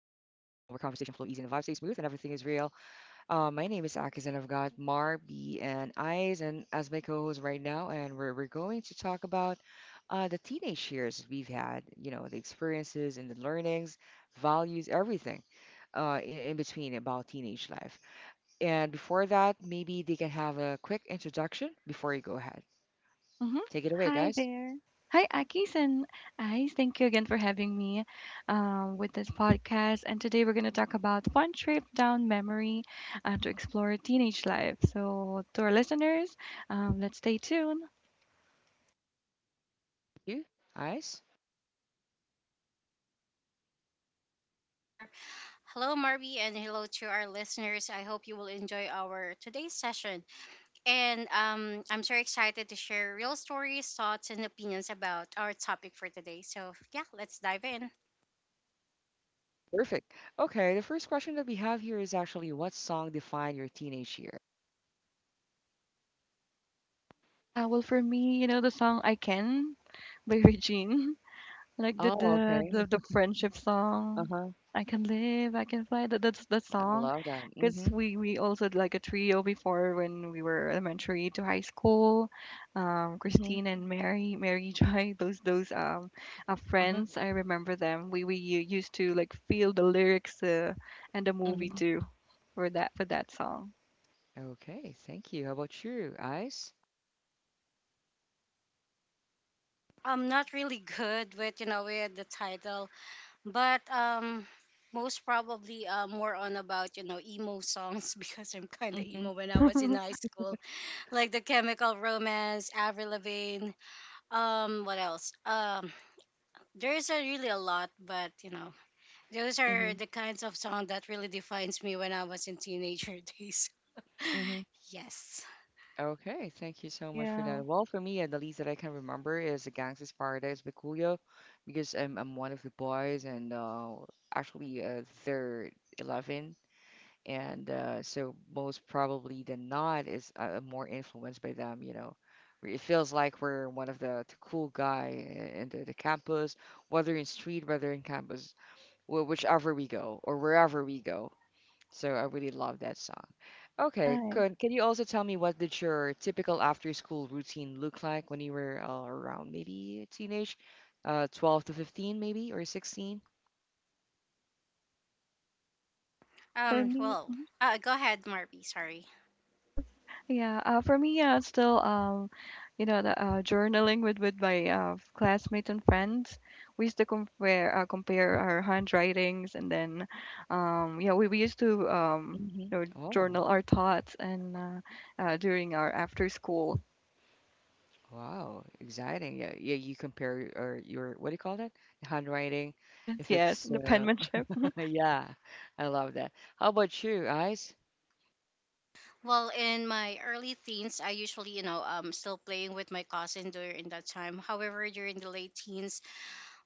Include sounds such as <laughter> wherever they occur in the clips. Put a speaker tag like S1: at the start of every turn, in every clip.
S1: conversation flow easy and the vibe stays smooth and everything is real. My name is Akis and I've got Mar, B, and Eyes and as my co-host right now, and we're going to talk about the teenage years we've had. You know, the experiences and the learnings, values, everything in between about teenage life. And before that, maybe they can have a quick introduction before you go ahead.
S2: hmm
S1: Take it away,
S2: Hi
S1: guys.
S2: there. Hi, Akis, and I thank you again for having me with this podcast. And today we're going to talk about fun trip down memory to explore teenage life. So, to our listeners, let's stay tuned.
S1: You, Eyes.
S3: Here. Hello, Marby, and hello to our listeners. I hope you will enjoy our today's session. And I'm so excited to share real stories, thoughts, and opinions about our topic for today. So, yeah, let's dive in.
S1: Perfect. Okay, the first question that we have here is actually what song defined your teenage year?
S2: Well, for me, you know the song "I Can" by <laughs> Regine. Like the
S1: Oh,
S2: the
S1: okay.
S2: the, the friendship song,
S1: Uh-huh.
S2: "I Can Live, I Can Fly." That's that
S1: I
S2: song,
S1: love that.
S2: because
S1: Mm-hmm.
S2: we also had, like, a trio before when we were elementary to high school.
S1: Mm-hmm.
S2: Christine and Mary, Mary Joy, <laughs> those
S1: Uh-huh.
S2: friends. I remember them. We used to, like, feel the lyrics and the movie
S1: Mm-hmm.
S2: too for that song.
S1: Okay, thank you. How about you, Ice?
S3: I'm not really <laughs> good with, you know, with the title, but most probably more on about, you know, emo songs <laughs> because I'm kind of
S1: Mm-hmm.
S3: emo when I was in high
S2: <laughs>
S3: school. Like the Chemical Romance, Avril Lavigne, what else? There's a really a lot, but you know, those are
S1: Mm-hmm.
S3: the kinds of song that really defines me when I was in teenager <laughs> days.
S1: Mm-hmm.
S3: Yes.
S1: Okay, thank you so much for
S2: Yeah,
S1: that. Well, for me, the least that I can remember is the Gangsta's Paradise by Coolio, because I'm one of the boys, and actually they're 11, and so most probably than not is more influenced by them. It feels like we're one of the cool guy in the campus, whether in street, whether in campus, whichever we go or wherever we go. So I really love that song. Okay,
S2: nice
S1: can you also tell me what did your typical after school routine look like when you were around maybe teenage, 12 to 15, maybe, or 16?
S2: for me.
S3: Well. Go ahead, Marby. Sorry.
S2: <laughs> Yeah, for me, still, you know, the journaling with my classmates and friends. We used to compare compare our handwritings, and then, yeah, we used to
S1: Hmm.
S2: you know,
S1: Oh.
S2: journal our thoughts and during our after school. <laughs>
S1: Wow, exciting. Yeah, yeah, you compare or your what do you call that? Handwriting.
S2: Yes,
S1: If
S2: yes,
S1: it's
S2: the penmanship.
S1: <laughs>
S2: <laughs>
S1: yeah, I love that. How about you, Ice?
S3: Well, in my early teens, I usually, you know, still playing with my cousin during that time. However, during the late teens,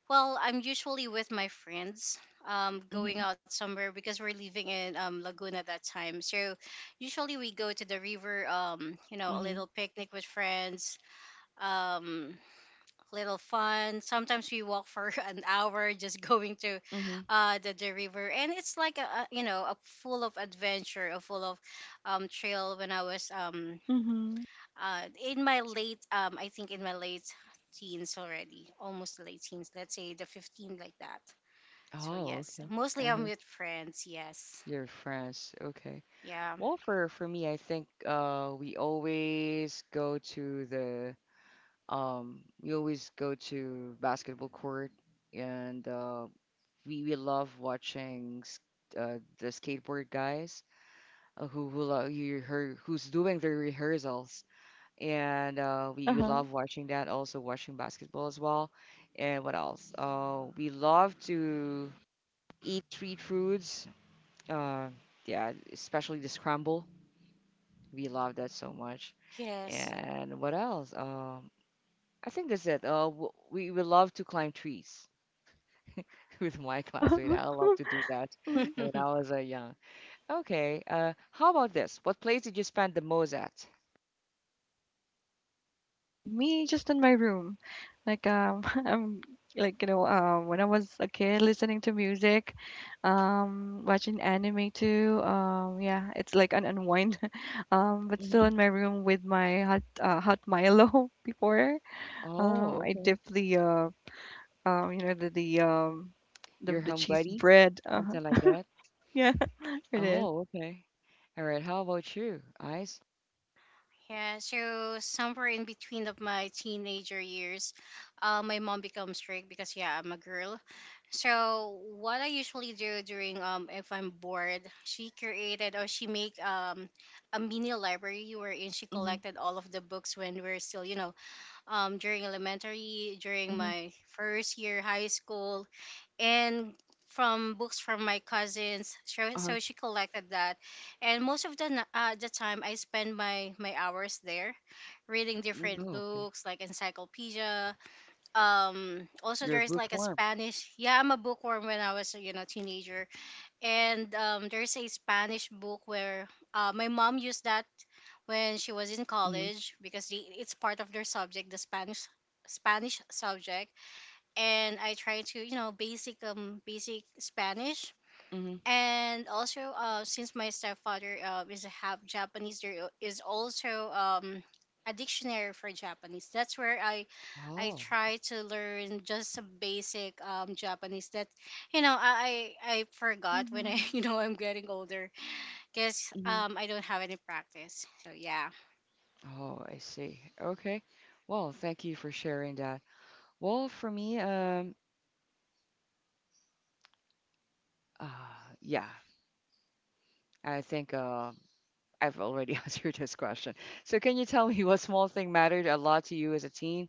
S3: well, I'm usually with my friends, going
S1: Mm-hmm.
S3: out somewhere because we're living in Laguna at that time. So, usually we go to the river, you know, a
S1: Mm-hmm.
S3: little picnic with friends, um little fun, sometimes we walk for <laughs> an hour just going to
S1: Mm-hmm.
S3: the river, and it's like a you know a full of adventure, a full of trail when i was um
S2: hmm
S3: uh in my late, I think in my late teens already, almost the late teens, let's say the 15, like that. So
S1: Oh,
S3: yes,
S1: okay.
S3: mostly I'm
S1: Uh-huh.
S3: with friends. Yes.
S1: Your friends. Okay.
S3: Yeah.
S1: Well, for me, I think we always go to the we always go to basketball court, and we love watching the skateboard guys, who you her who's doing the rehearsals, and we
S2: Uh-huh.
S1: love watching that. Also watching basketball as well, and what else? We love to eat street foods. Uh, yeah, especially the scramble. We love that so much.
S3: Yes.
S1: And what else? I think that's it. We love to climb trees <laughs> with my classmate. I
S2: <laughs>
S1: love to do that
S2: Wow.
S1: when I
S3: <laughs>
S1: was young. Okay. How about this? What place did you spend the most at?
S2: Me, just in my room. Like <laughs> I'm you know when I was a kid listening to music, watching anime too. Yeah, it's like an unwind. <laughs> But still in my room with my hot hot Milo <laughs> before.
S1: Oh,
S2: I
S1: okay.
S2: dip the you know the the um the
S1: Your
S2: the
S1: home
S2: cheese
S1: buddy,
S2: bread. Uh-huh.
S1: something like
S2: <laughs>
S1: that.
S2: Yeah, <laughs> it is.
S1: Oh, okay. All right. How about you, Ice?
S3: Yeah, so somewhere in between of my teenager years, my mom becomes strict because yeah, I'm a girl. So what I usually do during if I'm bored, she created or she make a mini library wherein she
S1: Mm-hmm.
S3: collected all of the books when we're still you know during elementary, during
S1: Mm-hmm.
S3: my first year high school, and from books from my cousins. So,
S1: Uh-huh.
S3: so she collected that, and most of the the time I spend my hours there, reading
S1: Mm.
S3: different
S1: Oh, okay.
S3: books like encyclopedia. Also
S1: You're a
S3: there's like a
S1: bookworm.
S3: Spanish. Yeah, I'm a bookworm when I was you know teenager, and there's a Spanish book where my mom used that when she was in
S1: Mm-hmm.
S3: college because it's part of their subject, the Spanish subject, and I try to you know basic basic Spanish.
S1: Mm-hmm.
S3: And also, since my stepfather is half Japanese, there is also a dictionary for Japanese. That's where I
S1: Oh.
S3: try to learn just a basic Japanese that you know I forgot when I
S2: Mm-hmm.
S3: <laughs> you know I'm getting older because
S1: Mm-hmm.
S3: I don't have any practice. So yeah.
S1: Oh, I see. Okay. Well, thank you for sharing that. Well, for me, uh, yeah, I think I've already <laughs> answered this question. So, can you tell me what small thing mattered a lot to you as a teen?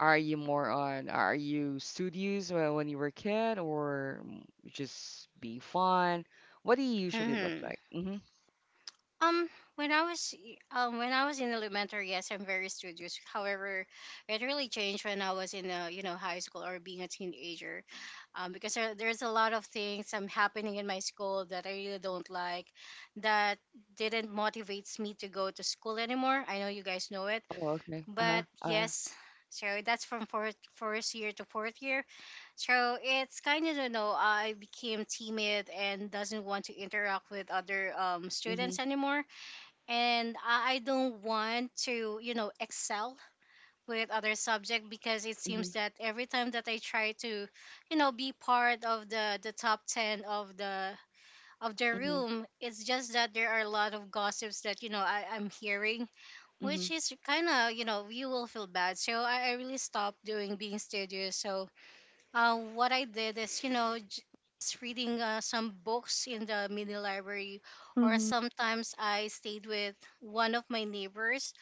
S1: Are you more on, are you studious when you were a kid, or just being fun? What do you usually look
S3: Hmm.
S1: like? Mm-hmm.
S3: Um, when I was when I was in elementary, yes, I'm very studious. However, it really changed when I was in you know high school or being a teenager, because there's a lot of things happening in my school that I really don't like, that didn't motivates me to go to school anymore. I know you guys know it,
S1: Oh, okay. Uh-huh.
S3: but yes. So that's from fourth, first year to fourth year. So it's kind of, you know, I became timid and doesn't want to interact with other
S1: Mm-hmm.
S3: students anymore, and I don't want to, you know, excel with other subject because it
S1: Mm-hmm.
S3: seems that every time that I try to, you know, be part of the top 10 of the
S1: Mm-hmm.
S3: room. It's just that there are a lot of gossips that, you know, I'm hearing,
S1: Mm-hmm.
S3: which is kind of, you know, you will feel bad. So I really stopped doing being studious. So what I did is, you know, just reading some books in the mini library, or
S2: Mm-hmm.
S3: sometimes I stayed with one of my neighbors,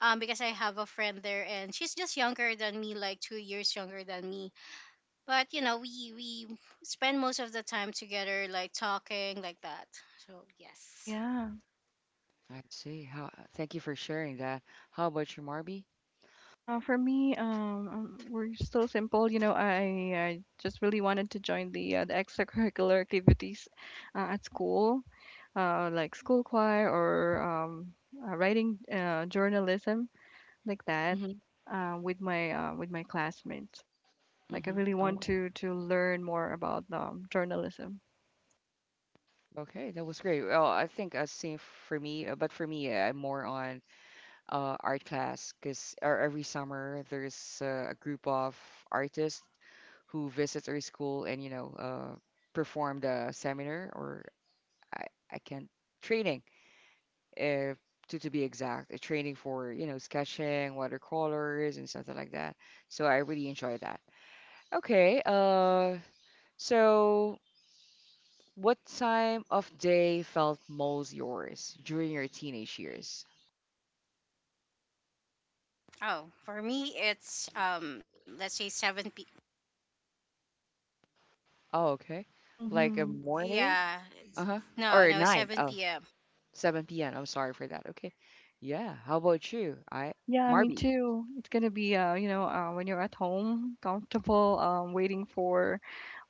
S3: because I have a friend there, and she's just younger than me, like 2 years younger than me. But you know, we spend most of the time together, like talking, like that. So yes.
S2: Yeah.
S1: I see. Thank you for sharing that. How about you, Marby?
S2: For me, we're so simple. You know, I just really wanted to join the extracurricular activities at school, like school choir or writing journalism like that,
S1: Mm-hmm.
S2: with my classmates. Like I
S1: Mm-hmm.
S2: really want
S1: Oh,
S2: to learn more about journalism.
S1: okay. That was great. Well, I think same for me, but for me, I'm more on art class, because every summer there's a group of artists who visit our school, and perform the seminar, or I, I can't training, if to be exact, a training for sketching watercolors and something like that. So I really enjoy that. Okay. So what time of day felt most yours during your teenage years?
S3: Oh, for me, it's let's say seven p.
S1: Oh, okay, like a
S2: Mm-hmm.
S1: morning?
S3: Yeah,
S1: Uh-huh.
S3: no,
S1: Or
S3: no,
S1: 9?
S3: seven
S1: Oh,
S3: p.m.
S1: seven 7 p.m. I'm sorry for that. Okay. Yeah. How about you? I
S2: Yeah, me
S1: Marby.
S2: too. It's gonna be you know, when you're at home, comfortable, waiting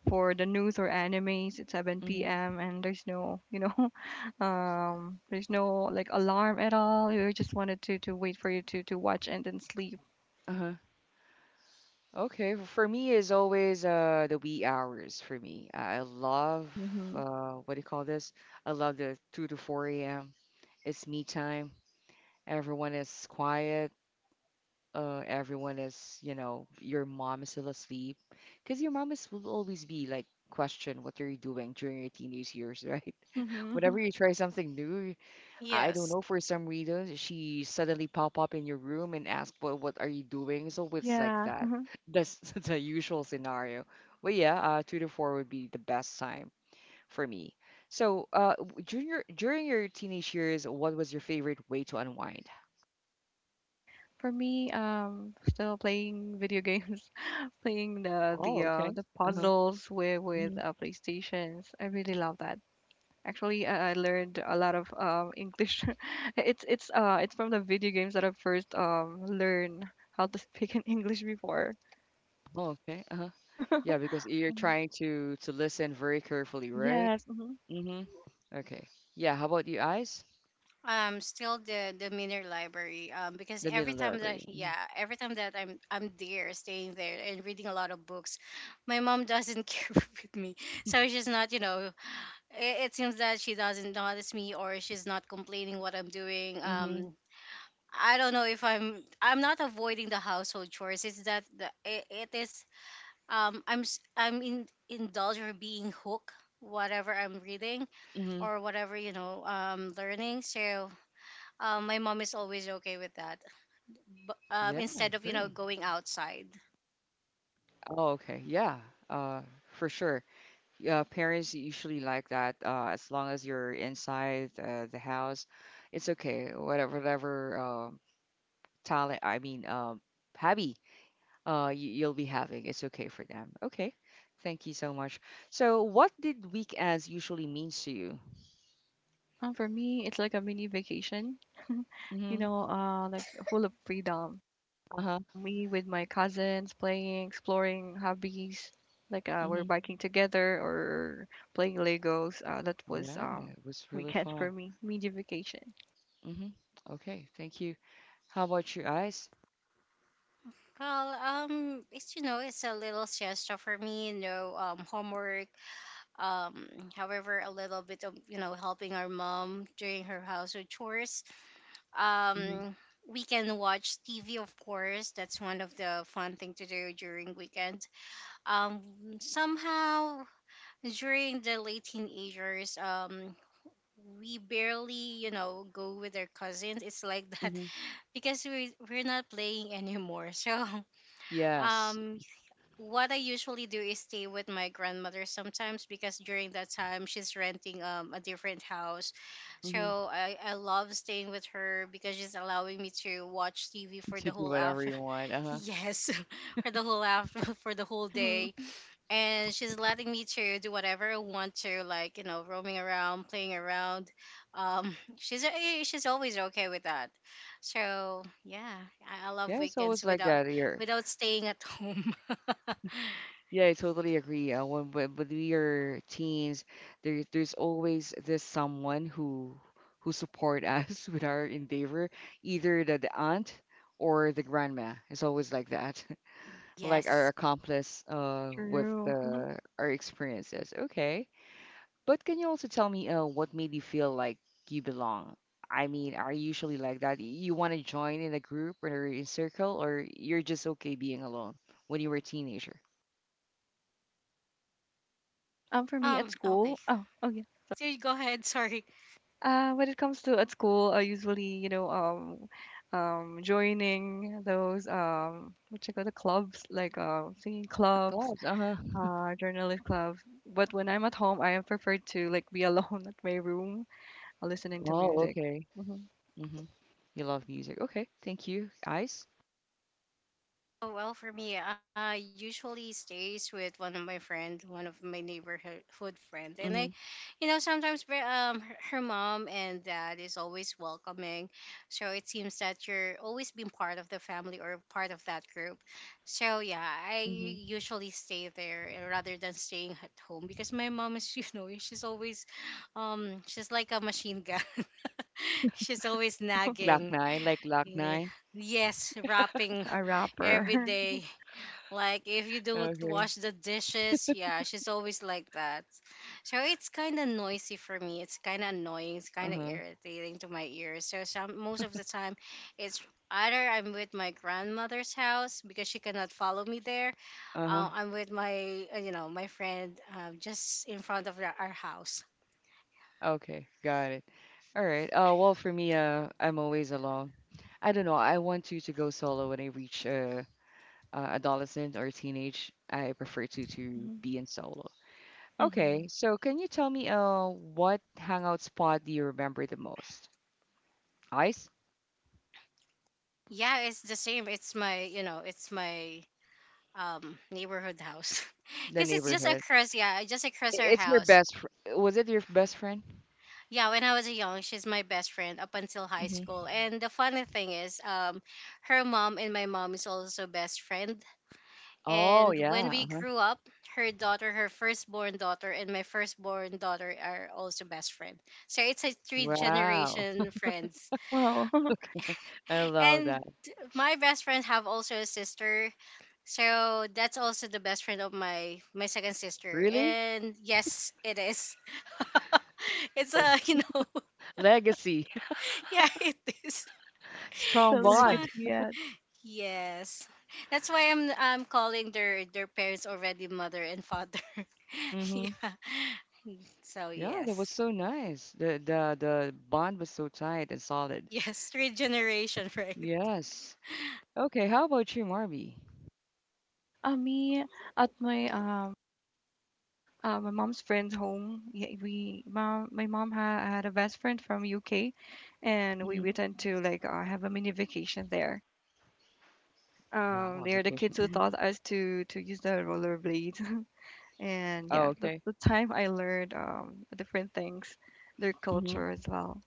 S2: for the news or animes. It's 7
S1: Mm-hmm.
S2: p.m. and there's no, you know, <laughs> there's no like alarm at all. You just wanted to wait for you to watch and then sleep.
S1: Uh-huh. Okay. For me is always the wee hours for me. I love
S2: Mhm.
S1: what do you call this? I love the 2 to 4 a.m. It's me time. Everyone is quiet. Everyone is, your mom is still asleep. Because your mom is will always be like, question what are you doing during your teenage years, right? <laughs> Whenever
S2: Mhm.
S1: you try something new, I don't know,
S3: Yes.
S1: for some reason, she suddenly pop up in your room and ask, well, what are you doing? So it's like
S2: Yeah.
S1: that.
S2: Mhm.
S1: <laughs> That's <laughs> the usual scenario. But yeah, 2 to 4 would be the best time for me. So, during your teenage years, what was your favorite way to unwind?
S2: For me, still playing video games, <laughs> playing the the
S1: Oh,
S2: uh
S1: okay.
S2: the
S1: Uh-huh.
S2: puzzles with
S1: Hmm.
S2: PlayStations. I really love that. Actually, I learned a lot of English. <laughs> It's from the video games that I first learned how to speak in <laughs> English before.
S1: Oh, okay. Uh-huh. Yeah, because you're
S2: Mhm.
S1: trying to listen very carefully, right?
S2: Yes. hmm
S1: Mm-hmm. Okay. Yeah, how about you, eyes?
S3: Still the Miner Library, because
S1: The
S3: every
S1: middle
S3: time that,
S1: library.
S3: yeah, every time that I'm there staying there and reading a lot of books, my mom doesn't <laughs> care with me, so she's not you know, it seems that she doesn't notice me or she's not complaining what I'm doing
S1: Mm-hmm.
S3: I don't know if I'm not avoiding the household chores. It's that it is I'm in indulge or being hooked whatever I'm reading,
S1: Mm-hmm.
S3: or whatever you know learning. So my mom is always okay with that. But
S1: Yeah, I
S3: instead of you know
S1: agree.
S3: going outside,
S1: Oh, okay. Yeah, for sure. Yeah, parents usually like that. As long as you're inside the house, it's okay. Whatever talent, I mean, hobby, you'll be having, it's okay for them. Okay. Thank you so much. So, what did weekends usually means to you?
S2: And for me, it's like a mini vacation. <laughs> You
S1: Mm-hmm.
S2: know, like, full of freedom.
S1: Uh-huh.
S2: Me with my cousins playing, exploring hobbies. Like we're
S1: Mm-hmm.
S2: biking together or playing Legos. That was
S1: Yeah, it was really
S2: weekend for
S1: fun.
S2: me, mini vacation.
S1: Mm-hmm. Okay. Thank you. How about your eyes?
S3: well, it's you know it's a little siesta for me. You know, homework. Um, however, a little bit of you know helping our mom during her household chores.
S1: Mm-hmm.
S3: Um, we can watch TV, of course. That's one of the fun thing to do during weekend. Um, somehow during the late teenagers, we barely, you know, go with our cousins. It's like <laughs> that
S1: Mm-hmm.
S3: because we're not playing anymore. So <laughs>
S1: Yes.
S3: um what I usually do is stay with my grandmother sometimes because during that time she's renting a different house.
S1: Mm-hmm.
S3: So I love staying with her because she's allowing me to watch TV for
S1: To
S3: the
S1: do
S3: whole
S1: whatever
S3: after
S1: you want.
S3: <laughs>
S1: Uh-huh.
S3: yes, <laughs> for the whole after <laughs> for the whole
S2: Mm-hmm.
S3: day, and she's letting me to do whatever I want to, like you know, roaming around, playing around. <laughs> She's always okay with that. So yeah, I love
S1: Yeah, it's
S3: weekends
S1: always like
S3: without
S1: that here.
S3: staying at home. <laughs>
S1: Yeah, I totally agree. When, when we are teens, there's always this someone who support us <laughs> with our endeavor, either the aunt or the grandma. It's always like that, <laughs> like
S3: Yes.
S1: our accomplice with
S2: True. <laughs>
S1: the our experiences. Okay. But can you also tell me, what made you feel like you belong? I mean, are you usually like that? You want to join in a group or in a circle, or you're just okay being alone when you were a teenager?
S2: For me at
S3: Okay.
S2: school, oh, oh yeah.
S3: So you go ahead. <laughs> Sorry.
S2: When it comes to at school, I usually, you know, joining those what you call the clubs, like singing clubs,
S1: Thoughts? Uh-huh. <laughs>
S2: journalist clubs. But when I'm at home, I prefer to like be alone <laughs> at my room, listening to
S1: Oh,
S2: music.
S1: okay.
S2: Hmm
S1: Mm-hmm. You love music. Okay, thank you. Ice?
S3: Oh, well, for me, I usually stays with one of my friend, one of my neighborhood friend, and
S1: Mm-hmm.
S3: you know, sometimes her mom and dad is always welcoming, so it seems that you're always been part of the family or part of that group. So yeah, I
S1: Mm-hmm.
S3: usually stay there and rather than staying at home because my mom is, <laughs> you know, she's always, she's like a machine gun. <laughs> She's always
S1: Glock
S3: nagging.
S1: 9, like Glock
S3: Yeah.
S1: 9.
S3: Yes, rapping
S2: A
S3: every
S2: rapper.
S3: day. Like if you don't
S1: Okay.
S3: wash the dishes, yeah, she's always like that. So it's kind of noisy for me. It's kind of annoying. It's kind of
S1: Uh-huh.
S3: irritating to my ears. So some most of the time, it's either I'm with my grandmother's house because she cannot follow me there.
S1: Uh-huh.
S3: I'm with my you know my friend, just in front of our house.
S1: Okay, got it. All right. Well, for me, I'm always alone. I don't know. I want to go solo. When I reach adolescent or teenage, I prefer to
S2: <laughs>
S1: to
S2: hmm
S1: be in solo. Okay,
S2: hmm
S1: so can you tell me, what hangout spot do you remember the most? Ice?
S3: Yeah, it's the same. It's my you know it's my neighborhood house <laughs>
S1: The
S3: because it's just
S1: neighborhood.
S3: across, yeah, just across our
S1: It's your
S3: house.
S1: best fr was it your best friend?
S3: Yeah, when I was young, she's my best friend up until high
S1: Hmm.
S3: school. And the funny thing is, her mom and my mom is also best friend.
S1: Oh
S3: And when
S1: yeah.
S3: we
S1: Uh-huh.
S3: grew up, her daughter, her firstborn daughter, and my firstborn daughter are also best friend. So it's a three
S1: Wow.
S3: generation friends.
S2: Well, <laughs>
S1: <laughs> I love
S3: And
S1: that.
S3: my best friend have also a sister, so that's also the best friend of my second sister.
S1: Really?
S3: And yes, it is. <laughs> It's a you know <laughs>
S1: Legacy.
S3: yeah it is.
S1: <laughs>
S2: the
S1: Strong
S3: It's
S2: legacy
S1: bond.
S3: fun.
S2: yet.
S3: Yes. That's why I'm calling their parents already mother and father. <laughs>
S1: Hmm.
S3: Yeah. So
S1: Yeah, that was
S3: yes.
S1: so nice. The bond was so tight and solid.
S3: Yes, three generation, <laughs> right?
S1: Yes. Okay, how about you, Marby?
S2: Me at my my mom's friend's home. Yeah, my mom had a best friend from UK, and we went to like have a mini vacation there.
S1: Wow,
S2: They are the kids
S1: vacation.
S2: who
S1: Hmm.
S2: taught us to use the rollerblades, <laughs> and
S1: Oh,
S2: yeah, that's
S1: okay.
S2: the time I learned different things, their
S1: Hmm.
S2: culture as well.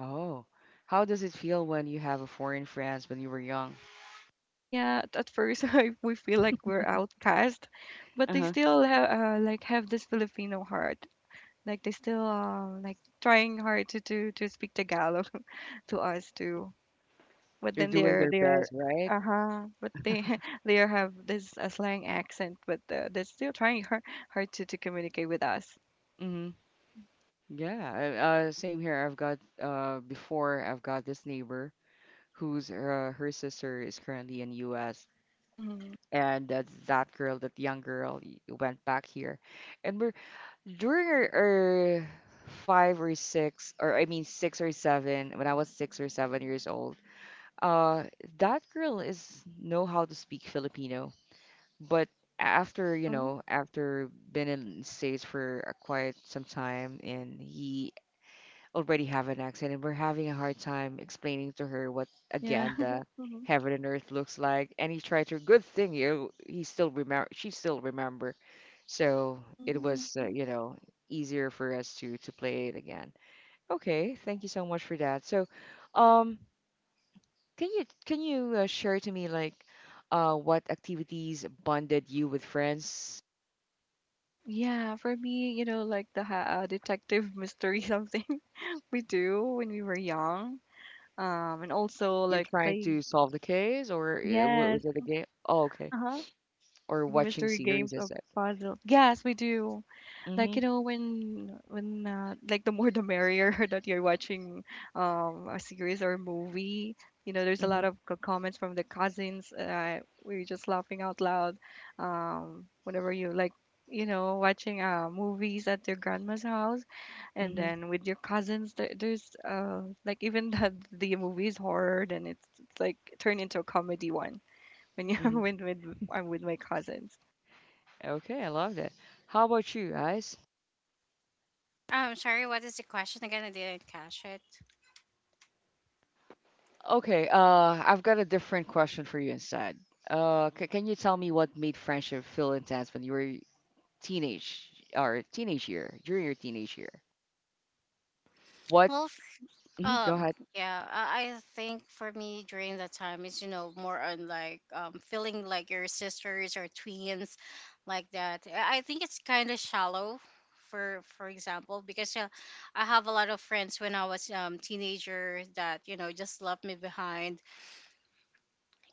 S1: Oh, how does it feel when you have a foreign friends when you were young?
S2: Yeah, at first <laughs> we feel like we're outcast, but they
S1: Uh-huh.
S2: still have like have this Filipino heart. Like they still like trying hard to speak Tagalog <laughs> to us too. but
S1: They're
S2: then
S1: doing
S2: they're
S1: their
S2: they're
S1: best, right?
S2: uh-huh but they <laughs> they have this a slang accent but they're still trying hard, hard to communicate with us.
S1: Mm-hmm. Yeah. Same here. I've got before I've got this neighbor who's her sister is currently in U.S.,
S2: Mm-hmm.
S1: and that girl, that young girl, went back here, and we're during our 5 or 6 or I mean 6 or 7 when I was 6 or 7 years old. Uh, that girl is know how to speak Filipino, but after,
S2: uh-huh.
S1: after been in States for a quite some time, and he already have an accent, and we're having a hard time explaining to her what
S2: Yeah.
S1: again
S2: <laughs>
S1: the
S2: Mm-hmm.
S1: heaven and earth looks like, and he tried to, good thing you, he still remember, she still remember. So it
S2: Mm.
S1: was easier for us to play it again. Okay, thank you so much for that. So, um can you share to me, like, what activities bonded you with friends?
S2: Yeah, for me, you know, like the detective mystery something <laughs> we do when we were young, and also
S1: You're
S2: like
S1: trying
S2: playing.
S1: to solve the case, or
S2: Yes.
S1: was it a game? Oh, okay.
S2: Uh-huh.
S1: Or
S2: Like
S1: watching
S2: mystery
S1: series
S2: games or
S1: instead.
S2: puzzle, yes, we do. Like,
S1: Mm-hmm.
S2: you know, when like, the more the merrier <laughs> that you're watching a series or a movie. You know, there's a lot
S1: Mm-hmm.
S2: of comments from the cousins. We're just laughing out loud whenever you like, you know, watching movies at your grandma's house, and
S1: Mm-hmm.
S2: then with your cousins there, there's like, even <laughs> the movie is horror, then it's like turned into a comedy one when you <laughs>
S1: Mm-hmm.
S2: when with, I'm with my cousins.
S1: Okay, I love that. How about you guys?
S3: Sorry, what is the question again? I didn't catch it.
S1: Okay, I've got a different question for you instead. C can you tell me what made friendship feel intense when you were teenage, or teenage year, during your teenage year? What?
S3: Well,
S1: Mhm. Go
S3: Um,
S1: ahead.
S3: yeah, I think for me during that time is, you know, more on like feeling like your sisters or twins, like that. I think it's kind of shallow for example because I have a lot of friends when I was teenager that, you know, just left me behind.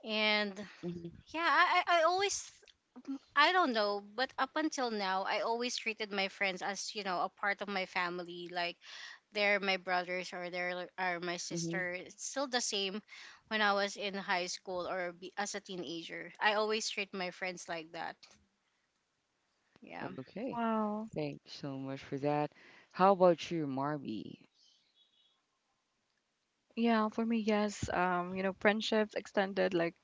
S3: And
S1: Mm-hmm.
S3: yeah, I always, I don't know, but up until now, I always treated my friends as, you know, a part of my family. Like, they're my brothers or are my
S1: Mm-hmm.
S3: sister. It's still the same when I was in high school or be, as a teenager. I always treat my friends like that. Yeah.
S1: Okay.
S2: Wow.
S1: Thanks so much for that. How about you, Marby?
S2: Yeah, for me, yes. You know, friendships extended, like,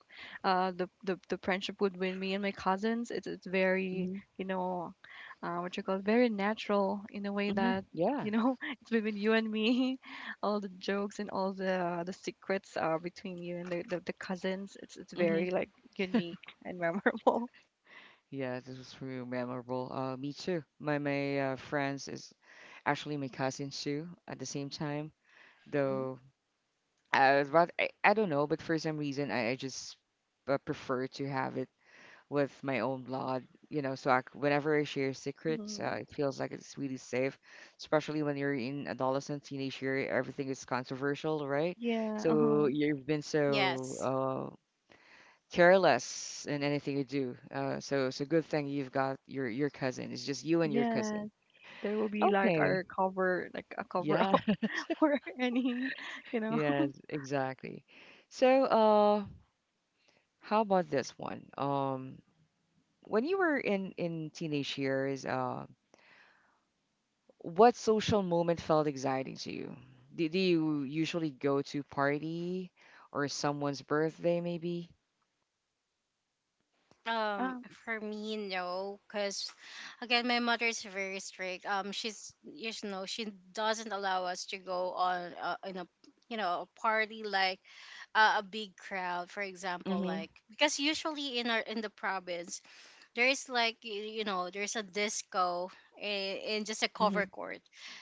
S2: the friendship between me and my cousins. It's very,
S1: Hmm.
S2: you know, what you call it, very natural in a way
S1: Hmm.
S2: that,
S1: Yeah.
S2: you know, <laughs> it's between you and me. <laughs> All the jokes and all the secrets are between you and the cousins. It's
S1: Hmm.
S2: very like unique and memorable. <laughs>
S1: Yeah, this was really memorable. Me too. My friends is actually my cousins too at the same time.
S2: Mm-hmm.
S1: Though, but I don't know, but for some reason I just prefer to have it with my own blood, you know. So, whenever I share secrets,
S2: Mm-hmm.
S1: it feels like it's really safe, especially when you're in adolescent, teenage year, everything is controversial, right?
S2: Yeah. Uh-huh.
S1: So you've been so
S3: Yes.
S1: uh, careless in anything you do. So it's a good thing you've got your cousin. It's just you and your cousin.
S2: Yes, there will be like
S1: Okay.
S2: our cover, like a cover
S1: Yeah.
S2: up <laughs>
S1: <laughs>
S2: or any, you know. <laughs>
S1: Yes, exactly. So, how about this one? When you were in teenage years, what social moment felt exciting to you? Do you usually go to party or someone's birthday, maybe?
S3: Um,
S2: Uh,
S3: for me, no, because again, my mother is very strict. She's you sh- know she doesn't allow us to go on in a you know a party like a big crowd, for example,
S1: Mm-hmm.
S3: like because usually in our in the province there is like you know there's a disco in just a cover
S1: Mm-hmm.
S3: court,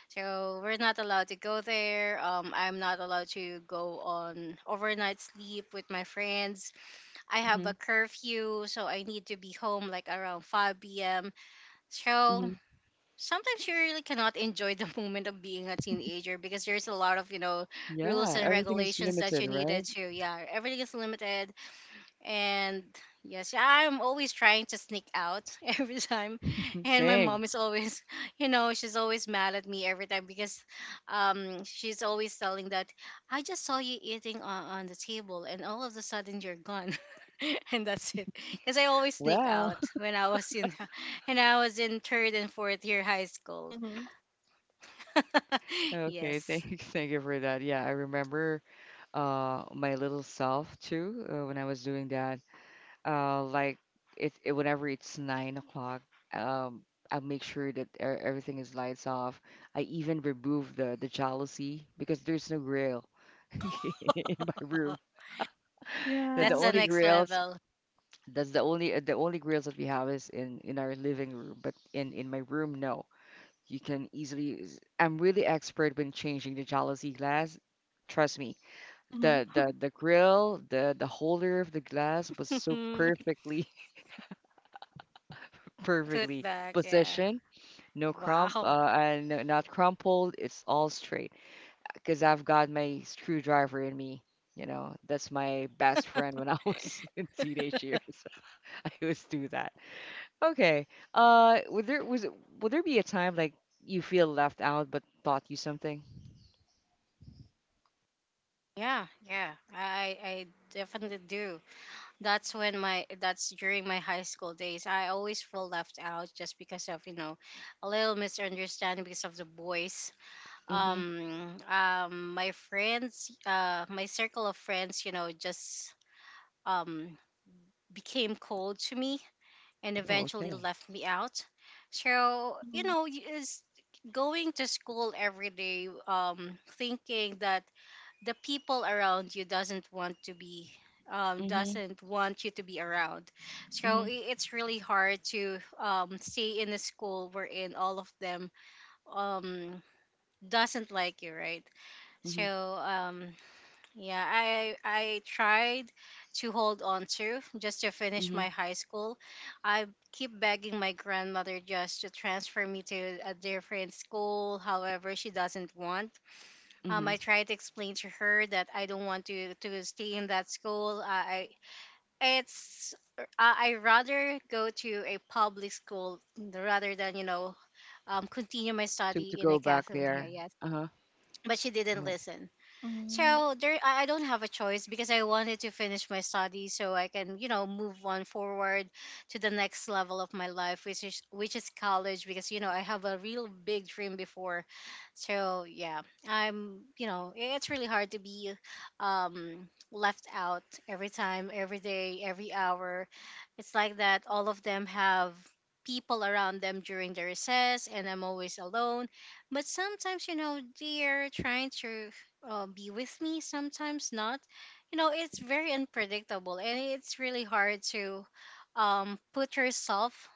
S3: so we're not allowed to go there. I'm not allowed to go on overnight sleep with my friends. I have
S1: Mm-hmm.
S3: a curfew, so I need to be home like around 5 p.m. So
S1: Mm-hmm.
S3: sometimes you really cannot enjoy the <laughs> moment of being a teenager because there's a lot of, you know, rules
S1: Yeah,
S3: and
S1: everything is
S3: regulations that
S1: limited,
S3: you
S1: right?
S3: needed to. Yeah, everything is limited and yes, yeah, I'm always trying to sneak out <laughs> every time.
S1: <laughs>
S3: And my
S1: Same.
S3: mom is always, <laughs> she's always mad at me every time because she's always telling that I just saw you eating on the table and all of a sudden you're gone. <laughs> And that's it because I always sneak
S1: Well,
S3: out when I was in <laughs> and I was in third and fourth year high school.
S2: mhm.
S1: <laughs>
S3: <laughs>
S1: okay,
S3: Yes,
S1: thank you for that. Yeah, I remember my little self too, when I was doing that. Like it, it Whenever it's 9 o'clock, um I make sure that everything is lights off. I even remove the jealousy because there's no grill <laughs> in my room. The
S3: that's
S2: Yeah.
S3: the
S1: only
S3: next
S1: grills
S3: level.
S1: That's the only grills that we have is in our living room, but in my room no. You can easily I'm really expert when changing the jealousy glass. Trust me.
S2: Mhm.
S1: The grill, the holder of the glass was so
S3: <laughs> Put
S1: perfectly
S3: back, yeah.
S1: Position, no crump,
S3: Wow.
S1: and not crumpled. It's all straight. Cause I've got my screwdriver in me. You know, that's my best friend when I was <laughs> in teenage years. <laughs> I always do that. Okay. Uh, would there was it- would there be a time like you feel left out but taught you something?
S3: Yeah, yeah. I definitely do. That's during my high school days. I always feel left out just because of, you know, a little misunderstanding because of the boys.
S1: Mm-hmm.
S3: My friends, my circle of friends, you know, just um became cold to me and
S1: Oh,
S3: eventually
S1: okay.
S3: left me out. So, you
S2: Mhm.
S3: know, is going to school every day thinking that the people around you doesn't want to be
S1: Mm-hmm.
S3: doesn't want you to be around, so
S1: Mm-hmm.
S3: it's really hard to stay in a school wherein all of them um, doesn't like you, right? so
S1: Mm-hmm.
S3: um, yeah, I tried to hold on to just to finish
S1: Mm-hmm.
S3: my high school. I keep begging my grandmother just to transfer me to a different school, however she doesn't want.
S1: Mm-hmm.
S3: I tried to explain to her that I don't want to stay in that school. It's I rather go to a public school rather than, you know, continue my
S1: To
S3: study in a
S1: go back
S3: Catholic
S1: there.
S3: area.
S1: Uh-huh.
S3: But she didn't
S1: Oh.
S3: listen.
S2: Mhm.
S3: So there, I don't have a choice because I wanted to finish my studies so I can, you know, move on forward to the next level of my life, which is college. Because, you know, I have a real big dream before. So yeah, I'm, you know, it's really hard to be left out every time, every day, every hour. It's like that. All of them have people around them during the recess and I'm always alone, but sometimes you know they're trying to be with me, sometimes not. You know, it's very unpredictable and it's really hard to put yourself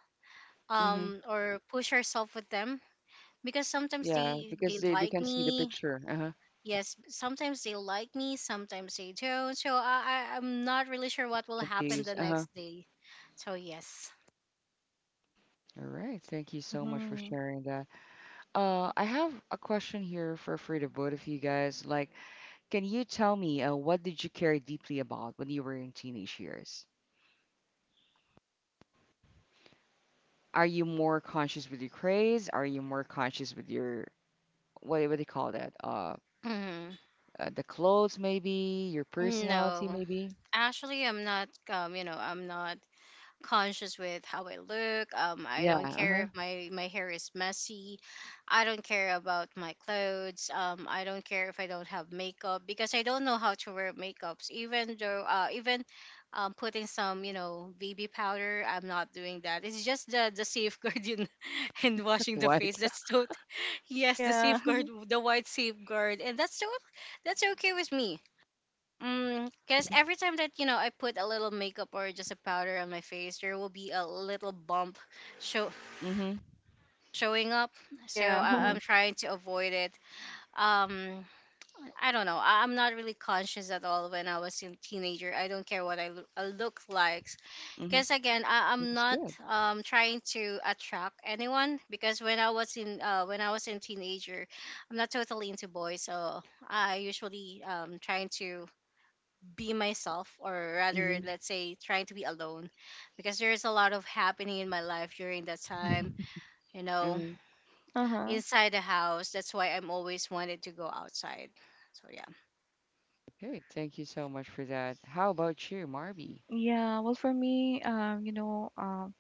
S1: Mm-hmm.
S3: or push yourself with them because sometimes
S1: Yeah,
S3: they,
S1: because
S3: they
S1: they
S3: like
S1: can see the
S3: me.
S1: picture. Uh-huh.
S3: Yes, sometimes they like me, sometimes they don't. So I'm not really sure what will happen
S1: Confused.
S3: the
S1: Uh-huh.
S3: next day. So, yes.
S1: All right. Thank you so much for
S2: Mhm.
S1: sharing that. I have a question here for the both of you guys. Like, can you tell me, what did you care deeply about when you were in teenage years? Are you more conscious with your craze? Are you more conscious with your what do you call that? Uh,
S3: Mhm.
S1: uh the clothes maybe, your personality
S3: No.
S1: maybe.
S3: Actually, I'm not, you know, I'm not conscious with how I look. I
S1: Yeah.
S3: don't care
S1: Uh-huh.
S3: if my hair is messy. I don't care about my clothes. I don't care if I don't have makeup because I don't know how to wear makeups. Even though, even putting some, you know, BB powder, I'm not doing that. It's just the safeguard in, <laughs> and
S1: <laughs>
S3: washing the
S1: White.
S3: face. That's so <laughs> yes, the
S2: Yeah.
S3: safeguard,
S2: <laughs>
S3: the white safeguard, and that's so that's okay with me. Mm, cause every time that, you know, I put a little makeup or just a powder on my face, there will be a little bump show
S1: Mm-hmm.
S3: showing up. So
S2: Yeah.
S1: Uh-huh.
S3: I'm
S2: <laughs>
S3: trying to avoid it. Um, I don't know. I'm not really conscious at all when I was a teenager. I don't care what I, I look like.
S1: Mm-hmm.
S3: Cause again,
S1: That
S3: I'm
S1: was
S3: not
S1: good.
S3: trying to attract anyone because when I was in teenager, I'm not totally into boys. So I usually trying to be myself, or rather
S1: Mm-hmm.
S3: let's say trying to be alone because there is a lot of happening in my life during that time, you
S1: <laughs>
S3: know,
S1: mm
S2: Uh-huh.
S3: inside the house. That's why I'm always wanted to go outside. So yeah.
S1: Okay. Thank you so much for that. How about you, Marby?
S2: Yeah. Well, for me, you know, um,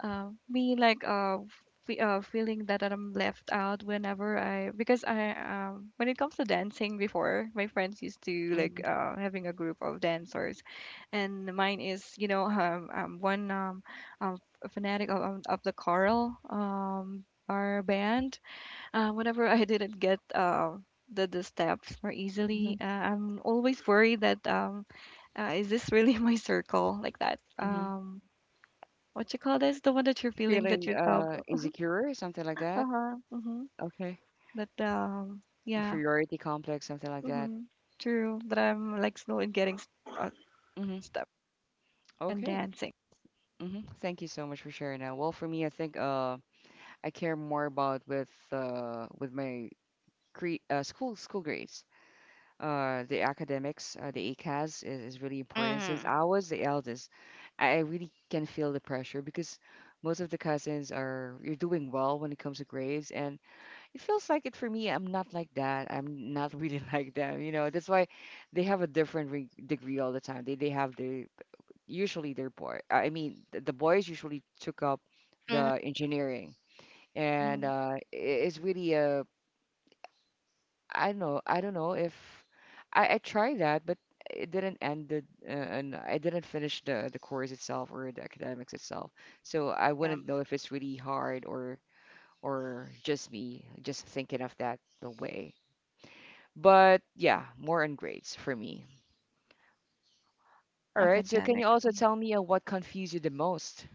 S2: uh, me like fe feeling that I'm left out whenever I, because I when it comes to dancing before, my friends used to like
S1: Mm-hmm.
S2: having a group of dancers, and mine is, you know, one um fanatic of the choral our band. Whenever I didn't get the steps more
S1: Mm-hmm.
S2: easily, I'm always worried that is this really <laughs> my circle like that?
S1: Mm-hmm.
S2: What you call this? The one that you're feeling that
S1: Feeling,
S2: yourself. <laughs>
S1: insecure, something like
S2: Uh
S1: that.
S2: huh. Mm-hmm.
S1: Okay.
S2: That yeah.
S1: Inferiority complex, something like that.
S2: Mm-hmm. True. That I'm like slow in getting
S1: Mm-hmm.
S2: step and
S1: Okay.
S2: dancing.
S1: Mm-hmm. Thank you so much for sharing that. Well, for me, I think I care more about with my cre school grades. The academics, the ACAS is really important. Since
S3: Mm-hmm.
S1: I was the eldest, I really can feel the pressure because most of the cousins are you're doing well when it comes to grades, and it feels like it for me. I'm not like that. I'm not really <laughs> like them. You know, that's why they have a different re degree all the time. They have their usually their boy. I mean, the boys usually took up
S3: Mm-hmm.
S1: the engineering, and
S2: Mm-hmm.
S1: it's really a I don't know. I don't know if I tried that, but it didn't end the and I didn't finish the course itself or the academics itself. So I
S3: Yeah,
S1: wouldn't know if it's really hard or just me just thinking of that the way. But yeah, more on grades for me. All right, so can you
S2: Academics.
S1: also
S2: Mhm.
S1: tell me, what confused you the most?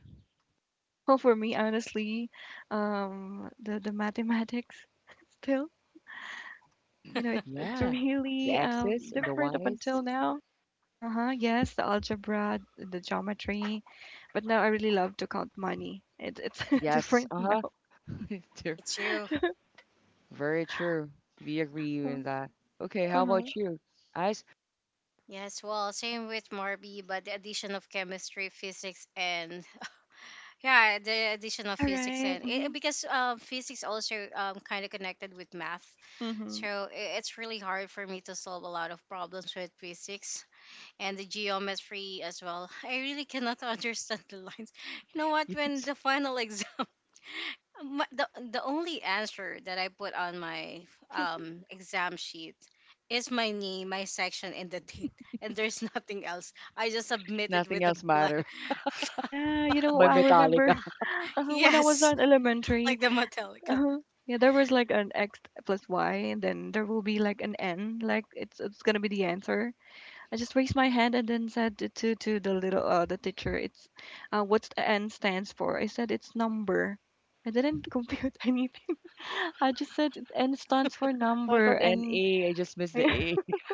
S2: Well, for me, honestly, the mathematics still. You know, it's
S1: Yeah, the
S2: really
S1: X's and the
S2: different up
S1: Y's.
S2: until now. Uh-huh, yes, the algebra, the geometry. But now I really love to count money. It, it's <laughs>
S1: Yes,
S2: different now.
S1: uh-huh. <laughs> True.
S3: me too.
S1: Very true. We agree with that. Okay, how
S2: Uh-huh.
S1: about you? Eyes?
S3: Yes, well, same with Morbi, but the addition of chemistry, physics, and <laughs> yeah, the addition of
S2: Yeah,
S3: physics
S2: right.
S3: and
S2: Mm-hmm.
S3: it, because physics also kind of connected with math,
S2: Mm-hmm.
S3: so it's really hard for me to solve a lot of problems with physics and the geometry as well. <laughs> I really cannot <laughs> understand the lines. You know
S1: <laughs>
S3: what? When
S1: Yes.
S3: the final exam, <laughs> my, the only answer that I put on my exam sheet is my name, my section, and the <laughs> date. And there's <laughs> nothing else. I just submitted
S1: Nothing
S3: with the
S1: else
S3: black.
S1: matter.
S3: <laughs>
S2: Yeah, you
S1: <laughs>
S2: know,
S1: By
S2: I
S1: Metallica.
S2: remember <laughs> when I was
S3: Yes,
S2: in elementary.
S3: like the Metallica.
S2: Uh-huh. Yeah, there was like an x plus y, and then there will be like an n, like it's gonna be the answer. I just raised my hand and then said to the little the teacher, it's what's the n stands for? I said it's number. I didn't compute <laughs> anything. I just said it N stands for
S1: <laughs> I
S2: number
S1: thought
S2: and
S1: N-A, I just
S2: <laughs>
S1: missed
S2: and
S1: the A. <laughs>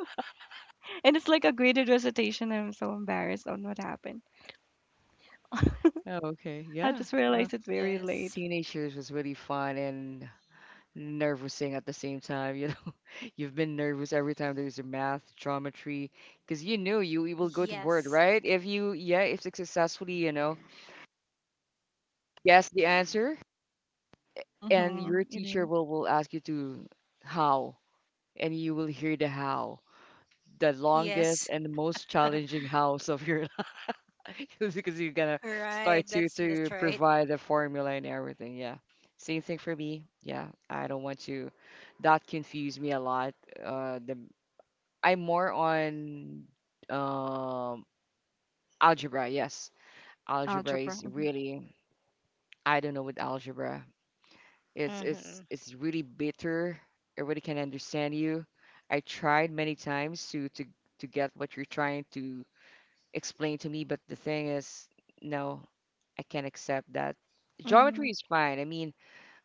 S2: it's like a graded recitation. I'm so embarrassed on what happened.
S1: Oh, okay,
S2: I
S1: yeah.
S2: just
S1: Uh,
S2: realized it very
S3: Yes,
S2: late.
S1: teenage years was really fun and nerve-wracking at the same time. <laughs> You've been nervous every time there's a math, geometry, because you knew you, you will go to board,
S3: yes,
S1: right? If you, yeah, if successfully, you know, guess the answer, and
S2: Mhm.
S1: your
S2: It
S1: teacher
S2: is
S1: will ask you to how, and you will hear the how, the longest
S3: yes.
S1: and the most
S3: <laughs>
S1: challenging hows of your <laughs> life, because you're gonna
S3: Right.
S1: start to
S3: That's right.
S1: provide the formula and everything. Yeah, same thing for me. Yeah, I don't want to. That confused me a lot. The I'm more on um algebra. Yes, algebra
S2: algebra.
S1: is
S2: Mhm.
S1: really I don't know with algebra. It's
S3: Hmm.
S1: it's it's really bitter. Everybody can understand you. I tried many times to to get what you're trying to explain to me, but the thing is, no, I can't accept that. Geometry
S2: Mhm.
S1: is fine. I mean,